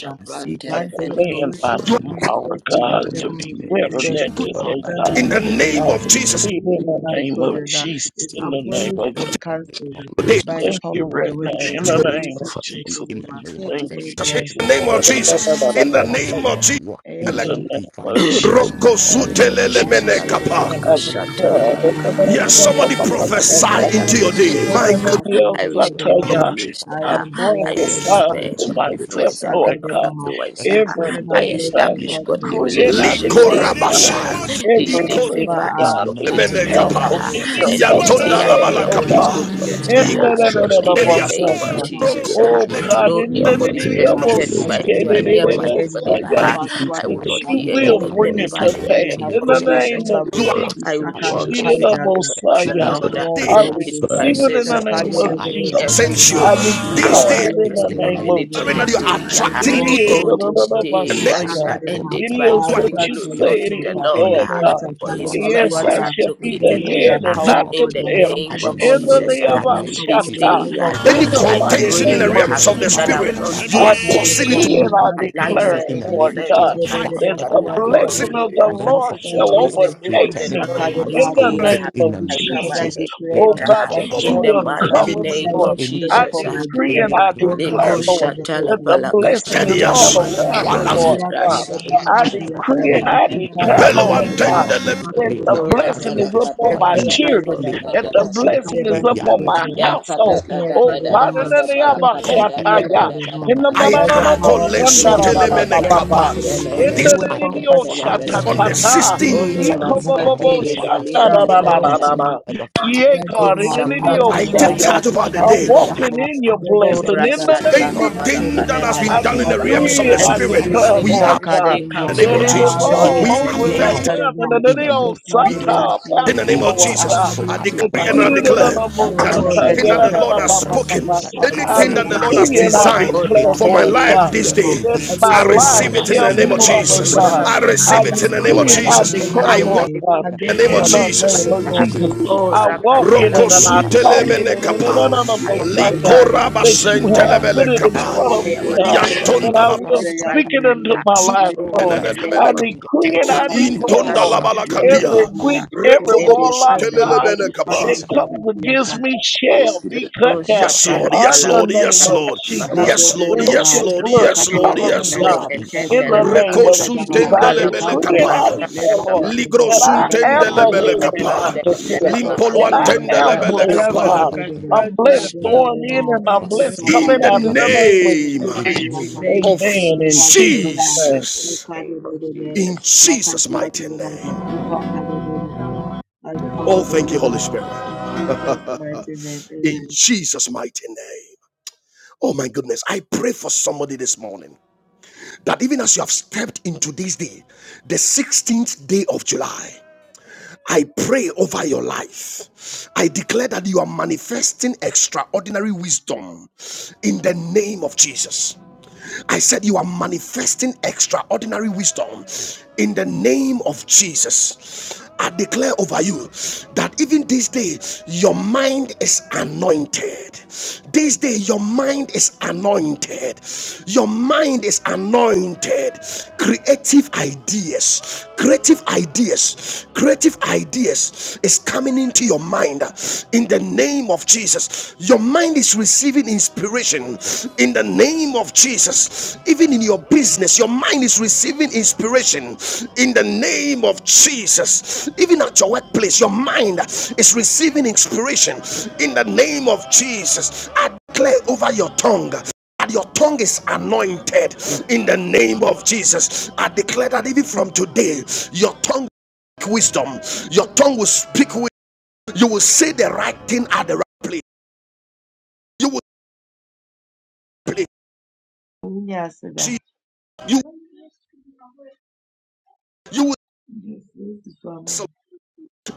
D: I command by
A: You
B: to
A: are
D: tomorrow,
B: manifest
F: negativity
B: it
F: in
B: for
F: the
D: God,
E: Shut
D: to
E: up.
F: mighty
D: be
B: them
F: name of
B: in
D: better
B: the
F: Jesus
D: than
A: good
B: space
F: but
B: of
D: today,
F: I
E: Father,
F: am
B: time
A: in
D: God.
B: within
A: the
B: the
E: Lord,
B: day.
A: name
D: I
F: good
A: of Jesus.
D: decree
B: Even
D: in the
B: in my
D: name
E: that
D: of
B: children,
E: to
B: uh,
E: be
D: Jesus,
B: it's
D: in the
E: in my
D: name
B: abolished
D: of
E: life
F: Father
E: in
B: and
D: Jesus.
E: the name
B: cancelled
E: of
B: uh,
A: Today,
D: We
F: let
A: in
B: by
F: my
E: Jesus.
B: the
D: thank
B: power
D: you
B: of the
D: right
E: In
B: Holy
D: now,
B: Ghost.
E: my
D: in the
B: In
E: life
F: spirits
D: name
B: Jesus'
D: of
F: of
E: To be
B: mighty
D: Jesus.
E: in
B: name,
E: the name of
B: uh,
D: Thank you,
E: Jesus. I
B: Amen.
A: the
D: Jesus.
E: walk
D: In
A: name of
E: in the
A: Jesus,
E: peace of
A: in the
E: God.
B: Amen.
A: name of
E: I
A: Jesus.
E: walk in
A: Yes,
E: the
D: the
B: Amen.
F: today
D: name
E: divine
D: of
F: in the
D: Jesus.
E: protection of
D: I
F: mighty
E: God.
F: name of
E: I
B: I
D: decree
B: am
F: Jesus
B: blessed
D: and I
B: and
F: Rakadowski
D: declare, in
C: Rikatalabalakashatalabalakaha.
E: walk.
D: the
C: I
D: name
A: somebody
E: I will
C: decree
D: of
E: not
C: and I
E: fear
D: Jesus.
C: declare
A: prophesy
C: I
E: in
C: declare
A: into
C: that
E: the name
A: your
C: this
E: of
D: In
A: day.
C: day
E: Jesus.
C: yeah,
A: My
D: the
A: good.
E: I
B: not
E: will
D: name of
C: I
E: not fear
C: received
E: in the
C: good
D: Sataya,
F: She
E: name
C: news.
E: of
D: I
E: Jesus.
C: Shaha.
E: I
C: I
D: prophesy
E: can
C: meet
E: gather
F: said
C: men
D: to
F: to my
C: of
B: tested.
E: in
F: big
E: the
D: myself,
C: influence and men
E: name
D: Lord
C: of
E: of
D: God,
F: family,
B: Ishakadabaha.
C: affluence.
E: Jesus.
B: My
C: Shaha.
E: I
B: children
E: am
B: are
E: here.
C: I
D: everything,
B: blessed
D: God,
B: and
E: I
C: establish
B: not
F: and
C: godly
E: am
F: those
B: tested.
F: are
D: decree
E: here.
D: and I
F: going
C: relationships
B: We are
E: I
F: through
E: am
C: this
D: declare,
C: day.
F: the
D: God,
E: here.
C: Yaha.
A: Likorabashaya.
B: secured.
F: spiritual
B: We
C: This day,
A: Iko
B: can't
D: everything,
C: favor
E: in
C: is
B: our
E: the
D: God, that
E: name
B: tax
F: process
E: of
D: you
A: Mene
C: locating
F: of
E: Jesus.
D: have
B: riches
C: me.
B: and
A: kapa,
F: God
E: The
D: for
C: Yaha.
D: me
B: wealth
E: mercies
D: to
E: of
C: And
F: in
E: the
F: the
C: this
D: come
B: from
E: Lord
F: mighty
D: to
A: yantonda
C: day,
B: all
E: is
C: I
A: la
F: name
B: over
D: pass,
C: hear
F: of
B: the
A: bala
D: oh
E: following me
C: only
D: God,
B: nation,
C: good
F: Jesus.
E: today.
B: all
C: news.
F: Father,
B: over
F: in
B: the
D: in
F: you I
B: world.
C: Shaha.
E: Goodness
B: uh,
E: of
D: the
E: the
F: trust
D: name
E: Lord
B: We
D: of
C: In the
F: today,
E: is
A: igelia
B: set
F: Father,
C: name
F: I
C: of
B: after
E: following me
B: the
F: cannot
D: Messiah.
B: bank.
F: do
E: today.
C: Jesus.
B: I
F: without
C: Shaha.
D: Oh
F: you.
A: letu
E: Nothing
D: God,
B: possess
C: No
B: my
D: in
F: Yeah, I
E: bad
D: the
E: will
F: am
C: evil is
F: nothing
E: happen
D: name
B: possession.
E: to
D: of
F: without
E: me
F: you.
C: permitted
E: in
B: I
E: the
D: Messiah,
F: Let
C: by
F: your
D: in
B: take
E: mighty
F: will
D: the
B: care
F: be
E: name
B: of
E: of
C: near
B: what
D: name
B: the
C: my
F: done
D: of
E: Jesus.
B: enemy
E: My
C: dwelling.
B: had
F: in
D: Messiah,
A: ale-
C: Yaha.
E: going
B: about
F: my
E: in
F: life
B: what
C: I
E: and
D: that
C: will
E: my
B: the
F: forever.
C: not
D: you
E: coming
C: hear
E: in
B: has
D: will
F: Father
E: are
D: bring
C: anything
F: God, in
B: taken,
D: it
E: blessed
C: bad
B: has
E: in
D: to
F: you
E: the
C: in
F: I
C: the
B: stolen,
F: trust.
E: mighty
D: pass,
B: has
E: name
C: name
D: in
C: of
E: of
F: Help
D: the
E: the
B: placed an
E: Lord
D: name
C: Jesus.
E: Jesus.
D: of
F: me
B: embargo,
A: you are
F: tomorrow.
D: Jesus.
E: Last
F: In
B: is
C: I
B: tracker
E: chapter, we
B: has
C: walk
F: Jesus'
E: are
C: in the
E: stuck.
F: name, I-
B: hijacked uh,
C: goodness of
E: Let's
C: the
B: by
F: Jesus,
B: the
E: be
D: Messiah.
C: Lord.
F: Father,
B: power of
A: there,
E: active.
B: the
D: I
E: so
B: Holy
C: His
B: Ghost.
F: Father,
B: uh,
F: I
E: that
D: receive
E: the
F: need
D: it in
C: mercies
F: you,
D: the
C: are
E: caveat that
D: name
F: Father.
D: of
F: I
C: chasing
E: I
B: Shakadadadada,
C: me
E: walk.
D: Jesus.
F: trust in
C: every
A: you.
B: Shakadaba,
D: I
C: single
E: with The Lord
C: hour,
D: declare it in
C: every
E: today
D: the
E: in the
C: single
D: name
B: Yukasiyatadadada,
E: name of
D: of
E: Jesus
C: minute of
B: Kidaba,
C: the
D: Jesus.
A: are
C: day.
B: By the
C: Yeah.
A: attracting
D: It
B: power of
A: good
B: the
D: is
A: things,
C: Oh,
B: Holy Ghost,
D: another
C: this
B: uh,
E: eat
C: day
B: is
C: I
E: up
D: Messiah.
C: shall
E: that cook
C: end
B: Shakadaba,
E: up
D: It
C: it
F: the
E: that
F: name
C: by
D: is
B: I
A: you
E: rust
F: of
D: what
E: up
C: giving
E: your
B: attract
D: you
B: a
C: glory
D: say
E: stiff
D: it
C: unto
B: weakness,
C: the
D: is,
B: uh,
E: and
C: Lord.
D: Lord
E: then
C: ah.
D: God.
B: strength, uh,
E: of the
C: For
E: Lord.
C: his
F: God.
B: Kadaba,
D: Yes,
E: Ah,
D: I
C: mercies
B: water,
E: I'm
C: have
D: shall be
B: of the
D: the
E: trusting
C: located
E: you
B: Lord,
E: in
C: me
B: the
D: head
E: the
C: ah,
D: and
E: name
B: power
D: not
B: of
E: of
D: the
C: in
B: God,
C: the
B: the
E: Jesus.
D: tail.
E: I
B: anointing
C: name
E: will
F: Jesus,
C: of
B: of
E: not
B: God,
D: In
B: uh,
D: the
E: fail
C: Jesus.
B: the
E: in
D: name
C: ah.
E: the
D: of
B: grace
E: name
B: of
E: of
C: This
B: God, the
E: Jesus.
D: Shatta.
C: day
B: favor
C: ah,
E: I
B: of
E: will
B: God.
A: any
D: In
E: not
B: uh,
D: the
C: I
E: fail in
D: mighty
B: Is
E: the
A: contention in
E: name
A: the
C: pray
D: name
E: of
D: of
C: ah,
A: realms
E: Jesus.
A: of the
C: that
D: Jesus.
B: Shakadadadada,
C: I will
A: spirit,
E: Whatever
C: not
E: that
B: Is
A: you
E: I
A: are
D: I
C: miss
E: do
A: causing
B: Shakadadada,
A: it to
D: decree
B: I
E: will
D: and
C: any
D: I
E: be
B: attract
E: a
D: declare,
E: blessing
C: alignment,
B: angels. uh,
D: it,
E: in the
D: Lord
E: name of
C: anything
D: God,
E: Jesus.
C: ah,
A: fight.
D: that
C: that
E: Whatever
D: the
C: will
E: that the
F: Lord,
C: cause
D: blessing
F: yes,
E: devil
C: me
D: of the
B: all
E: has
B: my
E: meant for
D: Lord
C: to
E: me
D: shall
E: to
F: Father,
B: family,
C: miss
E: do,
F: I
C: the move
E: we
B: in
D: overtake
C: of the
F: pray
E: turn it
D: me
F: for
C: Lord
F: you,
C: in
E: around for
C: this
D: in the
E: our
B: Sakadabasia.
C: day.
F: Father,
E: good
D: name
C: uh,
B: I
E: in
D: of
E: the
C: I
B: decree
E: name
C: come
E: of
B: and I
D: Jesus.
E: Jesus.
C: against
E: We
B: declare
D: Oh
C: it
E: turn it
C: uh,
D: God,
B: that
D: that
E: around for
F: Jesus,
D: you
C: in
B: all
E: our
C: the
F: Father,
D: will
E: good
B: things
E: in
B: uh,
C: mighty
E: the
D: cover
E: name of
D: me,
B: shall
C: name
E: Jesus.
C: of
D: Lord.
B: work
E: Any
B: together
D: I
B: for
C: Jesus.
B: my
C: uh,
E: protection,
B: good.
D: decree
B: uh,
D: and
E: any
D: I
E: plans
B: Both the
E: that
D: declare,
C: Leko
E: they
B: heavens
D: Lord,
E: have
B: and the
E: for
B: earth.
C: shatala
D: that
B: uh,
D: the
B: In
E: us,
C: palaka
D: blessing
A: Ten
D: is
E: we
C: shatana
D: all
A: years,
E: are
B: Sakadabasia.
C: manaka
D: around me,
C: ha.
E: I
A: Walan
B: in
F: trans
D: Lord
E: did
D: God.
E: it.
C: Rasha
E: That
D: I
E: will
C: patala
E: not
D: decree
E: be
D: and
C: palaka
B: Yakadabasia.
D: I
C: tana
E: implemented
C: nana
F: work
D: declare,
A: pele
F: out,
B: Ipakasia.
C: pele.
A: wan
E: in
D: Lord
E: the name
D: God.
E: of
A: tende
E: you.
D: That
E: May
D: the
F: work
E: their
F: out.
C: Leko
B: Ipakasia.
C: ra
E: plans
D: blessing
E: be
D: is
C: palaka
D: upon
B: The
C: da
E: destroyed
D: my
C: da
E: in
C: da
B: birds
E: the
F: Jesus,
B: of
C: da
B: the
D: children,
F: Father,
C: da
E: name
B: Lama.
C: da
E: of
D: that
C: da
E: the
D: the
F: oh,
C: da da
E: Lord
F: speak
E: Jesus.
F: to
C: da
D: blessing
C: da
D: is
E: May
C: da.
B: Ashikadabasia.
C: uh,
E: their
D: upon
E: rest
D: my
F: me,
E: in
C: Ya
F: God.
C: ka
B: The
C: da
D: household.
F: Speak
C: da
F: up,
C: da
E: the
C: da
D: Oh
E: name
F: God.
C: da
E: of
C: da
D: God, in
C: da
F: Oh,
D: the
C: da
F: speak
E: Jesus.
D: name
B: prayer
D: of
C: balaka da da
E: That
C: da
E: the
C: da
D: Shataya,
E: Ram
C: da da
E: the
D: in
B: Kadabasia
D: the
C: da
A: I
E: Kadiata
B: by the
A: are
E: in
D: mananamo
A: called
B: power of the Holy
E: the
B: Ghost.
A: Mene
C: Yapalaka
B: Yet
E: name
B: none
D: sandarababa.
A: Kappa.
B: to
E: of
B: them,
E: the
D: In
E: Lord
B: you
A: This
D: the
E: means
C: telefeleke
B: weapon
E: ahead
D: nidio
E: for
B: fashioned
E: us.
B: against
A: on
B: me,
A: the
C: telefelekaha.
B: uh,
D: shatatata.
B: this
E: And
C: Only
E: the
B: day
A: 16th
E: Lord
B: against
E: move
B: my
E: ahead
C: maskiti
D: Ikobobo
C: le
E: before
B: children,
E: us.
C: falia
B: shall
E: Any
C: tana mana
E: mountain
B: prosper.
D: shandarababa.
E: ahead
B: You
E: of us,
D: Ye
B: come to
C: miko
B: them,
D: God,
E: any
D: in
B: uh,
D: the
E: danger
C: shapran
D: nidio
A: I
B: arise,
E: ahead of
B: uh,
A: take
E: us,
D: saya.
A: charge
B: you
C: telefeleke
A: over
E: any
A: the
B: come
D: I'm
B: to
E: people
B: them,
C: telefeleke.
A: day.
E: ahead
D: walking
B: uh,
E: of
D: in
B: in
E: us.
D: your
B: the
E: May
C: Oh
E: the
D: blessing.
B: Jesus,
D: In
B: uh,
D: the
E: angels of the
D: name
B: you
E: Lord
C: rasatana
D: of
B: come
C: mana
B: to
A: Anything
D: Jesus.
A: that
C: kada
B: them,
E: secure
A: has
C: da
E: our
D: I
A: been
C: da da da
A: done
B: uh,
A: in
C: da
B: of
A: the
E: going
C: ba.
E: in,
B: God,
A: realms of the
D: decree
B: uh,
D: and I
C: Every
E: secure
A: spirit,
E: our
C: good
D: declare,
B: you
E: coming
C: thing
A: we are
C: that
D: Lord
B: pack
E: in,
C: this
D: God,
B: them,
C: day
E: secure
A: in
C: comes
A: the name
D: that
E: our
C: with,
A: of
B: uh,
D: it
C: I
E: path,
D: is
A: Jesus.
C: enjoy
B: arise,
D: all
E: even
C: it
B: uh,
A: We
C: in the
D: over
B: you
D: and
E: secure
B: come
E: our
C: name
A: affect,
B: to
C: of
D: around
B: them, uh,
D: and that
E: in
D: it
E: the
B: set
D: is
E: name of
A: we are
B: them,
E: Jesus.
C: Ora
B: uh,
D: satire
B: see
D: about
B: what,
A: in the
D: me,
A: name
E: In
A: of
D: Lord
B: uh,
E: others,
D: God.
A: Jesus.
E: for
A: I
B: according
A: decree
B: to
D: That
E: Catabra,
A: and
B: Father
F: well.
D: you
A: I
E: so
D: did
B: Lord,
D: it
B: uh,
D: on
A: declare
D: the
C: Rasatana,
E: Caliata,
D: most
B: your
A: that
F: Oh,
C: Satana,
B: will and
E: Ila,
A: anything
F: Jesus,
A: that
B: your
C: Manaka,
A: the Lord
B: purpose.
A: has
B: uh,
C: Satana.
E: Catabra, so
F: Father,
A: spoken,
B: We
D: satire.
B: shall
C: I will
B: come
D: I
A: anything
B: to
E: Catacaliata.
C: not
B: the
A: that
C: miss
A: the Lord
B: bank.
A: has
C: the
D: decree
F: Jesus,
D: and
C: move
B: We
D: I
C: of
E: Lord,
A: designed
C: God
B: cancel.
E: may
C: in
D: declare,
B: uh,
A: for
C: this
A: my
E: today
D: Lord
B: we
C: day.
A: life
D: God,
E: give
B: capture
A: this
B: them
E: birth
A: day,
B: all.
E: to
D: that
E: good
B: Every
D: my
A: I
E: things
F: oh,
E: in our
D: life
B: program
A: receive
B: and
A: it
F: speak
A: in
F: it,
E: lives
D: shall
A: the
E: in
A: name
E: the
D: be
A: of
C: Jesus.
F: well.
B: projection of the
E: mighty
D: longer,
E: name of
A: Jesus.
D: God.
E: the
B: enemy
C: Whatever
A: I
E: Lord
D: I
A: receive
C: blessings
A: it
C: that
B: against
A: in the
C: come
A: name
B: me,
A: of
D: decree
E: Jesus.
C: with
B: uh,
D: and
C: this
D: I
C: day,
B: against
A: Jesus.
C: I
B: my
D: declare,
A: I
E: Yeah,
A: want
D: Lord
B: destiny,
C: receive
D: God,
C: it in
A: in
B: against
A: the
B: my
A: name
C: the
A: of
D: in
C: name
B: calling,
C: of
D: the
F: I
B: by
A: Jesus.
D: name
B: the
D: of
F: receive
B: power
F: the
B: of the
C: Jesus.
F: blood of
D: Jesus.
B: Holy
C: Oh,
D: I
B: Spirit.
F: Jesus.
D: walk
B: So,
D: in
F: I
C: Rakatala.
D: it and
B: Father,
D: I
F: receive
B: let us
F: that
D: talk
B: thank
F: for
D: in
B: you
D: it
B: for
D: and
B: them
D: in and
B: all.
A: Rokosutelemenekapa,
D: I'm
B: We
D: going
C: I am
B: thank you for them
D: God,
B: all.
C: aligned.
B: So,
D: that
B: let
D: you
B: them all.
D: have put it in
F: Jesus.
B: So,
A: Likorabasentelemelekapa,
D: front of
B: Father,
D: me,
C: I
F: You
C: am
B: let
F: are
B: them
F: just
C: aligned.
D: God.
C: I
F: what
C: am
D: And I
A: Yantondalaba
F: I
B: all.
F: have
D: will
C: positioned
B: They are
D: speak
B: for
D: it
B: them
C: rightly.
D: into
B: all.
D: my
B: By
D: life,
B: the
C: Oh, in
B: power
D: Lord.
B: of
C: the
F: me
B: the
F: up
B: Holy
C: name
D: I
A: Zunenenenemeneka.
C: of
B: Spirit.
D: decree
C: Jesus,
B: Let
D: and
B: the
F: for,
C: that
D: I
B: power
A: Baptize.
B: of
C: you
B: the Holy
C: receive
D: declare,
C: that
B: Spirit.
D: Lord,
C: which is
B: Let
C: day
B: the power
D: every
B: of
A: Intondalabalakadia.
C: comes
B: the
C: with
D: witch,
B: Holy
C: us.
F: for more
D: every
B: Spirit. Let
F: in
C: In the
F: the
D: warlock,
F: might
B: the
C: mighty
D: God,
C: name
F: of
C: of
B: power
A: Rekolomosutelelemenekaba.
B: of
D: that
F: Jesus.
B: the
C: Jesus.
D: comes
B: Holy
D: against
B: Spirit.
D: me
F: Oh,
D: shall
F: speak
D: be
F: it, well.
D: cut
C: Leko
D: down.
A: Yes,
F: I
C: shatala
F: don't
A: Lord.
F: speak
D: In
A: Yes,
D: the
F: about
A: Lord.
C: balaka.
F: that.
D: name
A: Yes,
D: of
F: I
A: Lord.
F: speak
D: Jesus,
F: about
A: Yes,
F: that.
A: Lord.
D: let
B: Ibadabadaba,
A: Yes,
D: your
C: Kona
A: Lord.
D: blood
A: Yes, Lord.
D: cover
F: Don't
C: maskele
A: Yes,
D: me,
B: Shakasiyatadaba,
C: fele
F: speak
A: Lord.
D: God. In
C: ketendele
D: the
B: Lepedaba,
F: about
C: baha.
F: that.
D: name of Jesus,
B: Lepedaba,
F: that
D: I
F: you
C: Ikala
F: also
C: pala
D: decree and
B: Yakantadaba,
D: I
A: Rekosuntendelebelekapa. Ligrosuntendelebelekapa. kapa.
C: kasha
F: abandon
D: declare,
C: dala
D: Lord,
B: Lekasiyatadaba,
A: Ligro
D: that
F: this could be
B: by
D: I
B: the
D: am
C: Ikala
B: power
F: under
D: the
B: of
F: the
B: the
A: suntendelebele
F: brass,
B: Holy
C: pala
D: head
F: the
D: and
B: Ghost.
D: not
A: kapa.
F: command,
C: kandele
D: the
F: and
B: In
F: the
C: fele
D: tail.
B: Jesus'
F: others
C: kaha.
F: could
D: And
F: be
B: mighty
D: I
F: under
E: Il
F: the
B: name,
E: papa
D: am
F: brass.
A: Limpolwantendelebele
C: Yakala
D: blessed,
C: pala
A: kapa.
E: rasita
D: God.
E: da
C: kasha
B: Shakadabadaba,
E: brinche,
D: I'm
C: dala
D: blessed
E: il
D: going in
E: tota
B: Shakadabadaba,
D: and
C: kasha
D: I'm
C: dala.
D: blessed
E: rasita
A: In
D: coming
A: the
D: out in
E: da
D: the
B: Ipakadabadaba,
E: brinche.
D: name of
C: The
A: name
E: In the
D: Jesus.
C: mighty
E: name of
B: Shakasiyatadaba,
C: name of
A: of
E: Jesus.
D: Amen. In
C: Jesus,
D: Jesus'
B: Ipadabadaba,
D: name.
A: Jesus.
C: name of
B: Shakadabadaba,
A: In
C: Jesus.
A: Jesus' mighty
B: Shakasiyatadaba,
A: name.
B: Ipakadabadaba, by the power
A: Oh,
B: of the
A: thank
B: Holy
A: you, Holy
B: Ghost.
A: Spirit.
B: In Jesus' mighty name,
A: in
B: amen.
A: Jesus' mighty name. Oh my goodness, I pray for somebody this morning that even as you have stepped into this day, the 16th day of July, I pray over your life. I declare that you are manifesting extraordinary wisdom in the name of Jesus. I said, You are manifesting extraordinary wisdom in the name of Jesus. I declare over you that even this day, your mind is anointed. This day, your mind is anointed. Your mind is anointed. Creative ideas, creative ideas, creative ideas ideas is coming into your mind uh, in the name of Jesus. Your mind is receiving inspiration in the name of Jesus. Even in your business, your mind is receiving inspiration in the name of Jesus. Even at your workplace, your mind is receiving inspiration in the name of Jesus. I declare over your tongue that your tongue is anointed in the name of Jesus. I declare that even from today, your tongue wisdom. Your tongue will speak with you will say the right thing at the right place. You will play
B: Yes, sir.
A: you
B: Yes,
A: you will
B: yes, Father.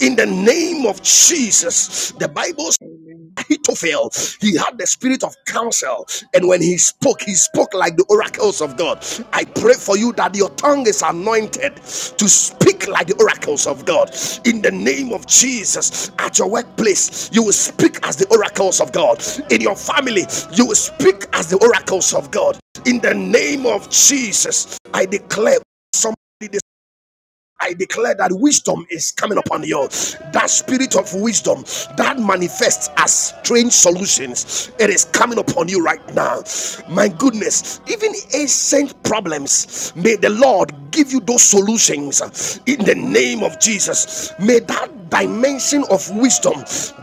A: in the
B: Amen.
A: name of Jesus. The Bible
B: Amen.
A: Ahithophel, he had the spirit of counsel, and when he spoke, he spoke like the oracles of God. I pray for you that your tongue is anointed to speak like the oracles of God. In the name of Jesus, at your workplace, you will speak as the oracles of God. In your family, you will speak as the oracles of God. In the name of Jesus, I declare somebody. I declare that wisdom is coming upon you. That spirit of wisdom that manifests as strange solutions, it is coming upon you right now. My goodness, even ancient problems, may the Lord give you those solutions in the name of Jesus. May that dimension of wisdom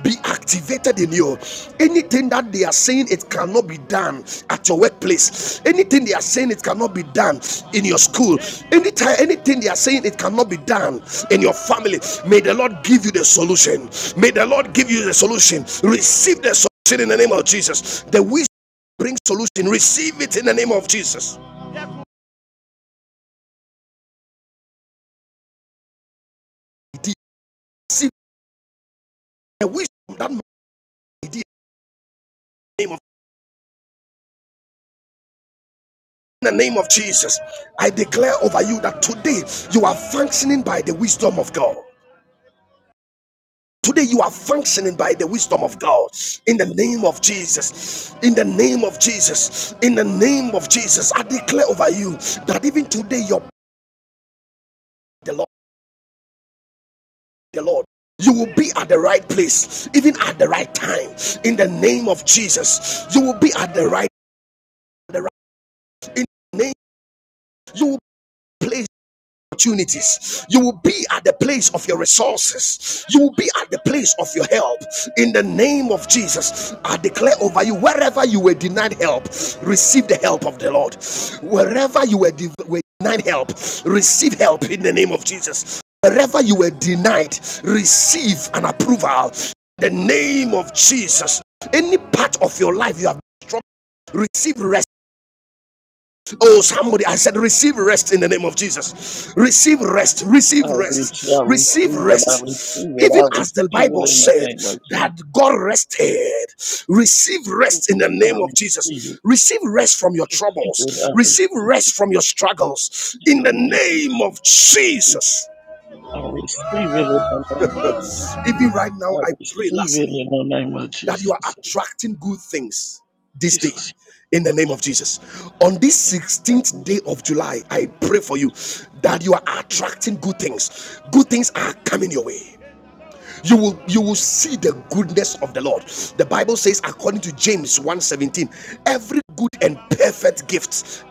A: be activated in you. Anything that they are saying it cannot be done at your workplace, anything they are saying it cannot be done in your school, anytime anything they are saying it cannot be done in your family. May the Lord give you the solution. May the Lord give you the solution. Receive the solution in the name of Jesus. The wisdom brings solution. Receive it in the name of Jesus. Receive the wisdom that in the name In the name of Jesus, I declare over you that today you are functioning by the wisdom of God. Today you are functioning by the wisdom of God. In the name of Jesus. In the name of Jesus. In the name of Jesus. I declare over you that even today you're the Lord, the Lord. You will be at the right place, even at the right time. In the name of Jesus. You will be at the right, the right in the name. You will place. opportunities. You will be at the place of your resources. You will be at the place of your help. In the name of Jesus, I declare over you wherever you were denied help, receive the help of the Lord. Wherever you were, de- were denied help, receive help in the name of Jesus. Wherever you were denied, receive an approval. In the name of Jesus. Any part of your life you have struggled, receive recognition. Oh, somebody, I said, receive rest in the name of Jesus. Receive rest,
D: I
A: receive
D: receive,
A: rest,
D: I
A: receive
D: receive it, I
A: rest.
D: receive it,
A: Even
D: I
A: as the
D: receive it
A: Bible
D: in the
A: said
D: name of Jesus.
A: that God rested, receive rest in the
D: I
A: name of
D: receive it, receive
A: Jesus. Receive rest from your
D: it,
A: troubles,
D: I receive
A: receive
D: it.
A: rest from your struggles
D: in
A: in
D: the
A: the
D: name of
A: name of
D: Jesus.
A: Jesus.
D: I receive it in the name of Jesus.
A: Even right now,
D: I
A: I pray,
D: receive it
A: lastly
D: in the name of
A: that you are
D: Jesus.
A: attracting good things this day
D: Jesus, yes,
A: in the
D: Lord.
A: name of Jesus. On this
D: I
A: 16th day of July, I pray for you that you are attracting good things. Good things are coming your way. You will you will see the goodness of the Lord. The Bible says according to James one seventeen, every good and perfect gift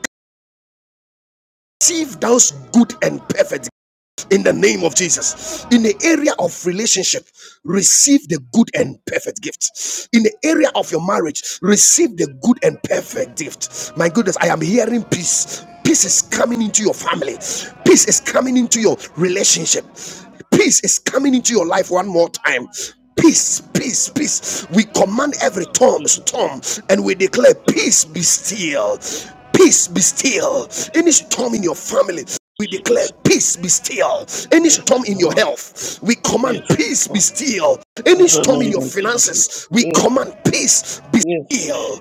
A: receive those good and perfect in the name of Jesus. In the area of relationship, receive the good and perfect gift. In the area of your marriage, receive the good and perfect gift. My goodness, I am hearing peace. Peace is coming into your family. Peace is coming into your relationship peace is coming into your life one more time peace peace peace we command every storm
D: receive it.
A: and we
D: Yes,
A: declare
D: God.
A: peace be still peace be still any storm in your family we
D: Yes,
A: declare
D: Jesus.
A: peace be still any
D: Yes,
A: storm in your
D: Lord.
A: health we command
D: Yes,
A: peace be
D: Lord.
A: still
D: In
A: any
D: the
A: storm in your
D: name of Jesus.
A: finances we
D: Yes,
A: command peace be
D: yes,
A: still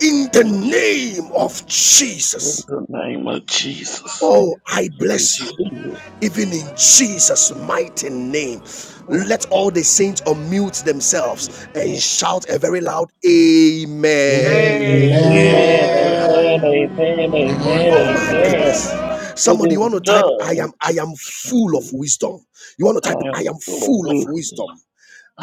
A: in the
D: yes, Jesus.
A: name of
D: In
A: jesus
D: the name of Jesus.
A: oh i
D: I
A: bless you
D: receive it,
A: even in Jesus' mighty name.
D: Lord.
A: Let all the saints unmute
D: Yes.
A: themselves and shout a very loud Amen.
D: Amen,
G: Amen.
F: Amen.
D: amen,
H: Amen.
D: amen,
B: Amen.
I: Mm.
E: Eh?
B: Amen.
A: Oh
D: amen,
A: my
D: amen.
A: goodness.
B: Amen.
A: Somebody, you want
B: Amen.
A: to type, I am,
D: It is
A: I am full
D: done.
A: of wisdom. You want to
D: I
A: type,
D: am
A: I am
D: full of
A: full of
D: wisdom.
A: wisdom.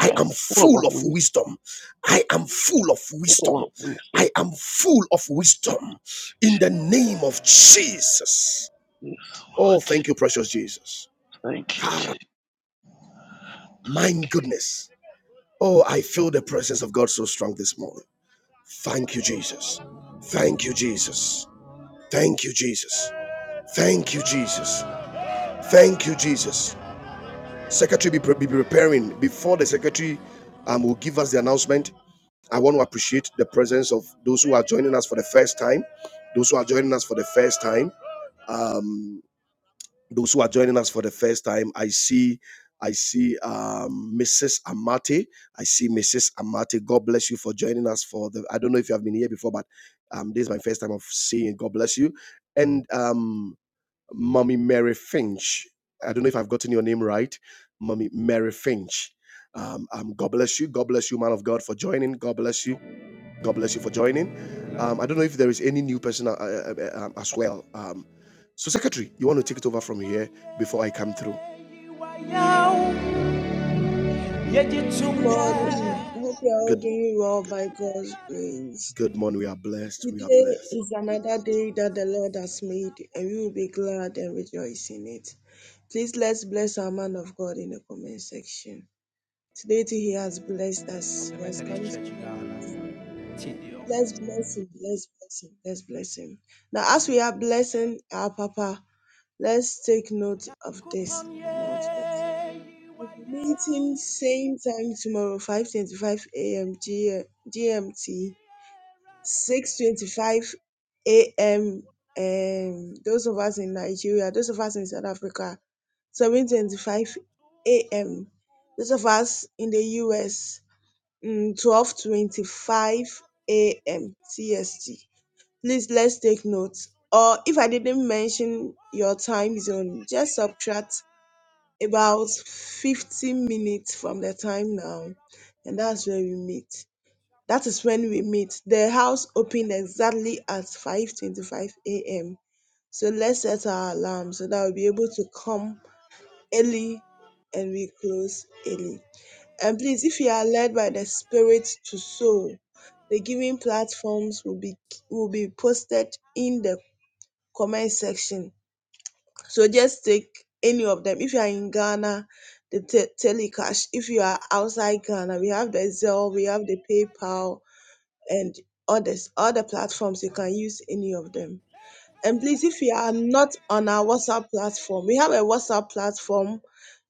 A: I am
D: am full of
A: full of
D: wisdom.
A: wisdom. I am full of
D: Full
A: wisdom.
D: of
A: I
D: wisdom.
A: am full of wisdom in the name of Jesus.
D: Yes,
A: Oh,
D: Lord.
A: thank you, precious Jesus.
D: Thank you, Jesus.
A: My
D: Thank you.
A: goodness Oh, I feel the presence of God so strong this morning. Thank you, Jesus. Thank you, Jesus. Thank you, Jesus. Thank you, Jesus. Thank you, Jesus. Secretary, be, be preparing. Before the secretary um, will give us the announcement, I want to appreciate the presence of those who are joining us for the first time. Those who are joining us for the first time. Um. those who are joining us for the first time, I see, I see um, Mrs. Amate. I see Mrs. Amate. God bless you for joining us for the. I don't know if you have been here before, but um, this is my first time of seeing. God bless you, and um, Mommy Mary Finch. I don't know if I've gotten your name right, Mommy Mary Finch. Um, um, God bless you. God bless you, man of God, for joining. God bless you. God bless you for joining. Um, I don't know if there is any new person uh, uh, uh, um, as well. Um, so, Secretary, you want to take it over from here before I come through?
J: Good morning. I hope you're all
A: Good,
J: doing well by God's grace.
A: good morning. We are blessed. We are
J: Today
A: blessed.
J: is another day that the Lord has made, and we will be glad and rejoice in it. Please let's bless our man of God in the comment section. Today too, he has blessed us.
A: Of the
J: He has
A: Methodist
J: come to
A: Church in
J: pray.
A: Ghana,
J: Let's bless him. Let's bless him. Let's bless him. Now, as we are blessing our Papa, let's take note of this announcement. We'll be meeting same time tomorrow, 5:25 a.m. G- GMT, 6:25 a.m. Um, those of us in Nigeria, those of us in South
A: Utumakuja
J: Africa, 7:25 a.m. Those of us in the US, mm, 12:25 a.m. CST. Please let's take notes. Or if I didn't mention your time zone, just subtract about 15 minutes from the time now and that's where we meet that is when we meet the house opened exactly at 5:25 a.m. so let's set our alarm so that we'll be able to come early and we close early and please if you are led by the spirit to sow the giving platforms will be will be posted in the comment section so just take any of them. If you are in Ghana, the te- Telecash. If you are outside Ghana, we have the Zelle, we have the PayPal, and others, other platforms. You can use any of them. And please, if you are not on our WhatsApp platform, we have a WhatsApp platform,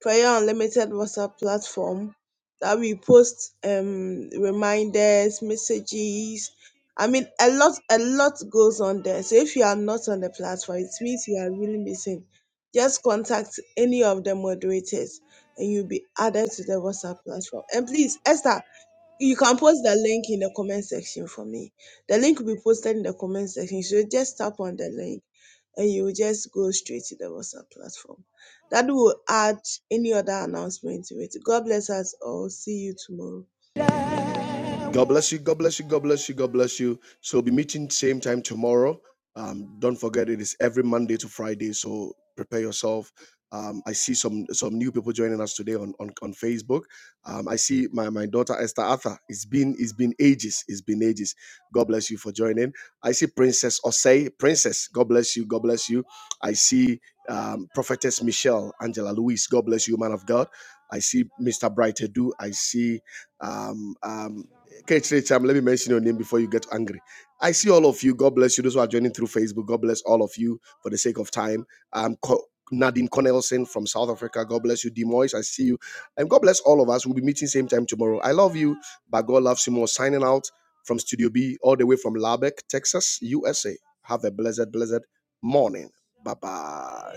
J: Prayer Unlimited WhatsApp platform, that we post um, reminders, messages. I mean, a lot, a lot goes on there. So if you are not on the platform, it means you are really missing. Just contact any of the moderators, and you'll be added to the WhatsApp platform. And please, Esther, you can post the link in the comment section for me. The link will be posted in the comment section. So just tap on the link and you will just go straight to the WhatsApp platform. That will add any other announcement to it. God bless us all. See you tomorrow.
A: God bless you. God bless you. God bless you. God bless you. So we'll be meeting same time tomorrow. Um, don't forget it is every Monday to Friday. So prepare yourself. Um, I see some some new people joining us today on on, on Facebook. Um, I see my, my daughter Esther Arthur. It's been it's been ages. It's been ages. God bless you for joining. I see Princess Osei. Princess, God bless you. God bless you. I see um, Prophetess Michelle Angela Louise. God bless you, man of God. I see Mr. Bright Edu. I see um, um, Kate Cham, let me mention your name before you get angry. I see all of you. God bless you. Those who are joining through Facebook, God bless all of you for the sake of time. Um, Co- Nadine Cornelson from South Africa, God bless you. Demois, I see you. And God bless all of us. We'll be meeting same time tomorrow. I love you, but God loves you more. Signing out from Studio B, all the way from Lubbock, Texas, USA. Have a blessed, blessed morning. Bye bye.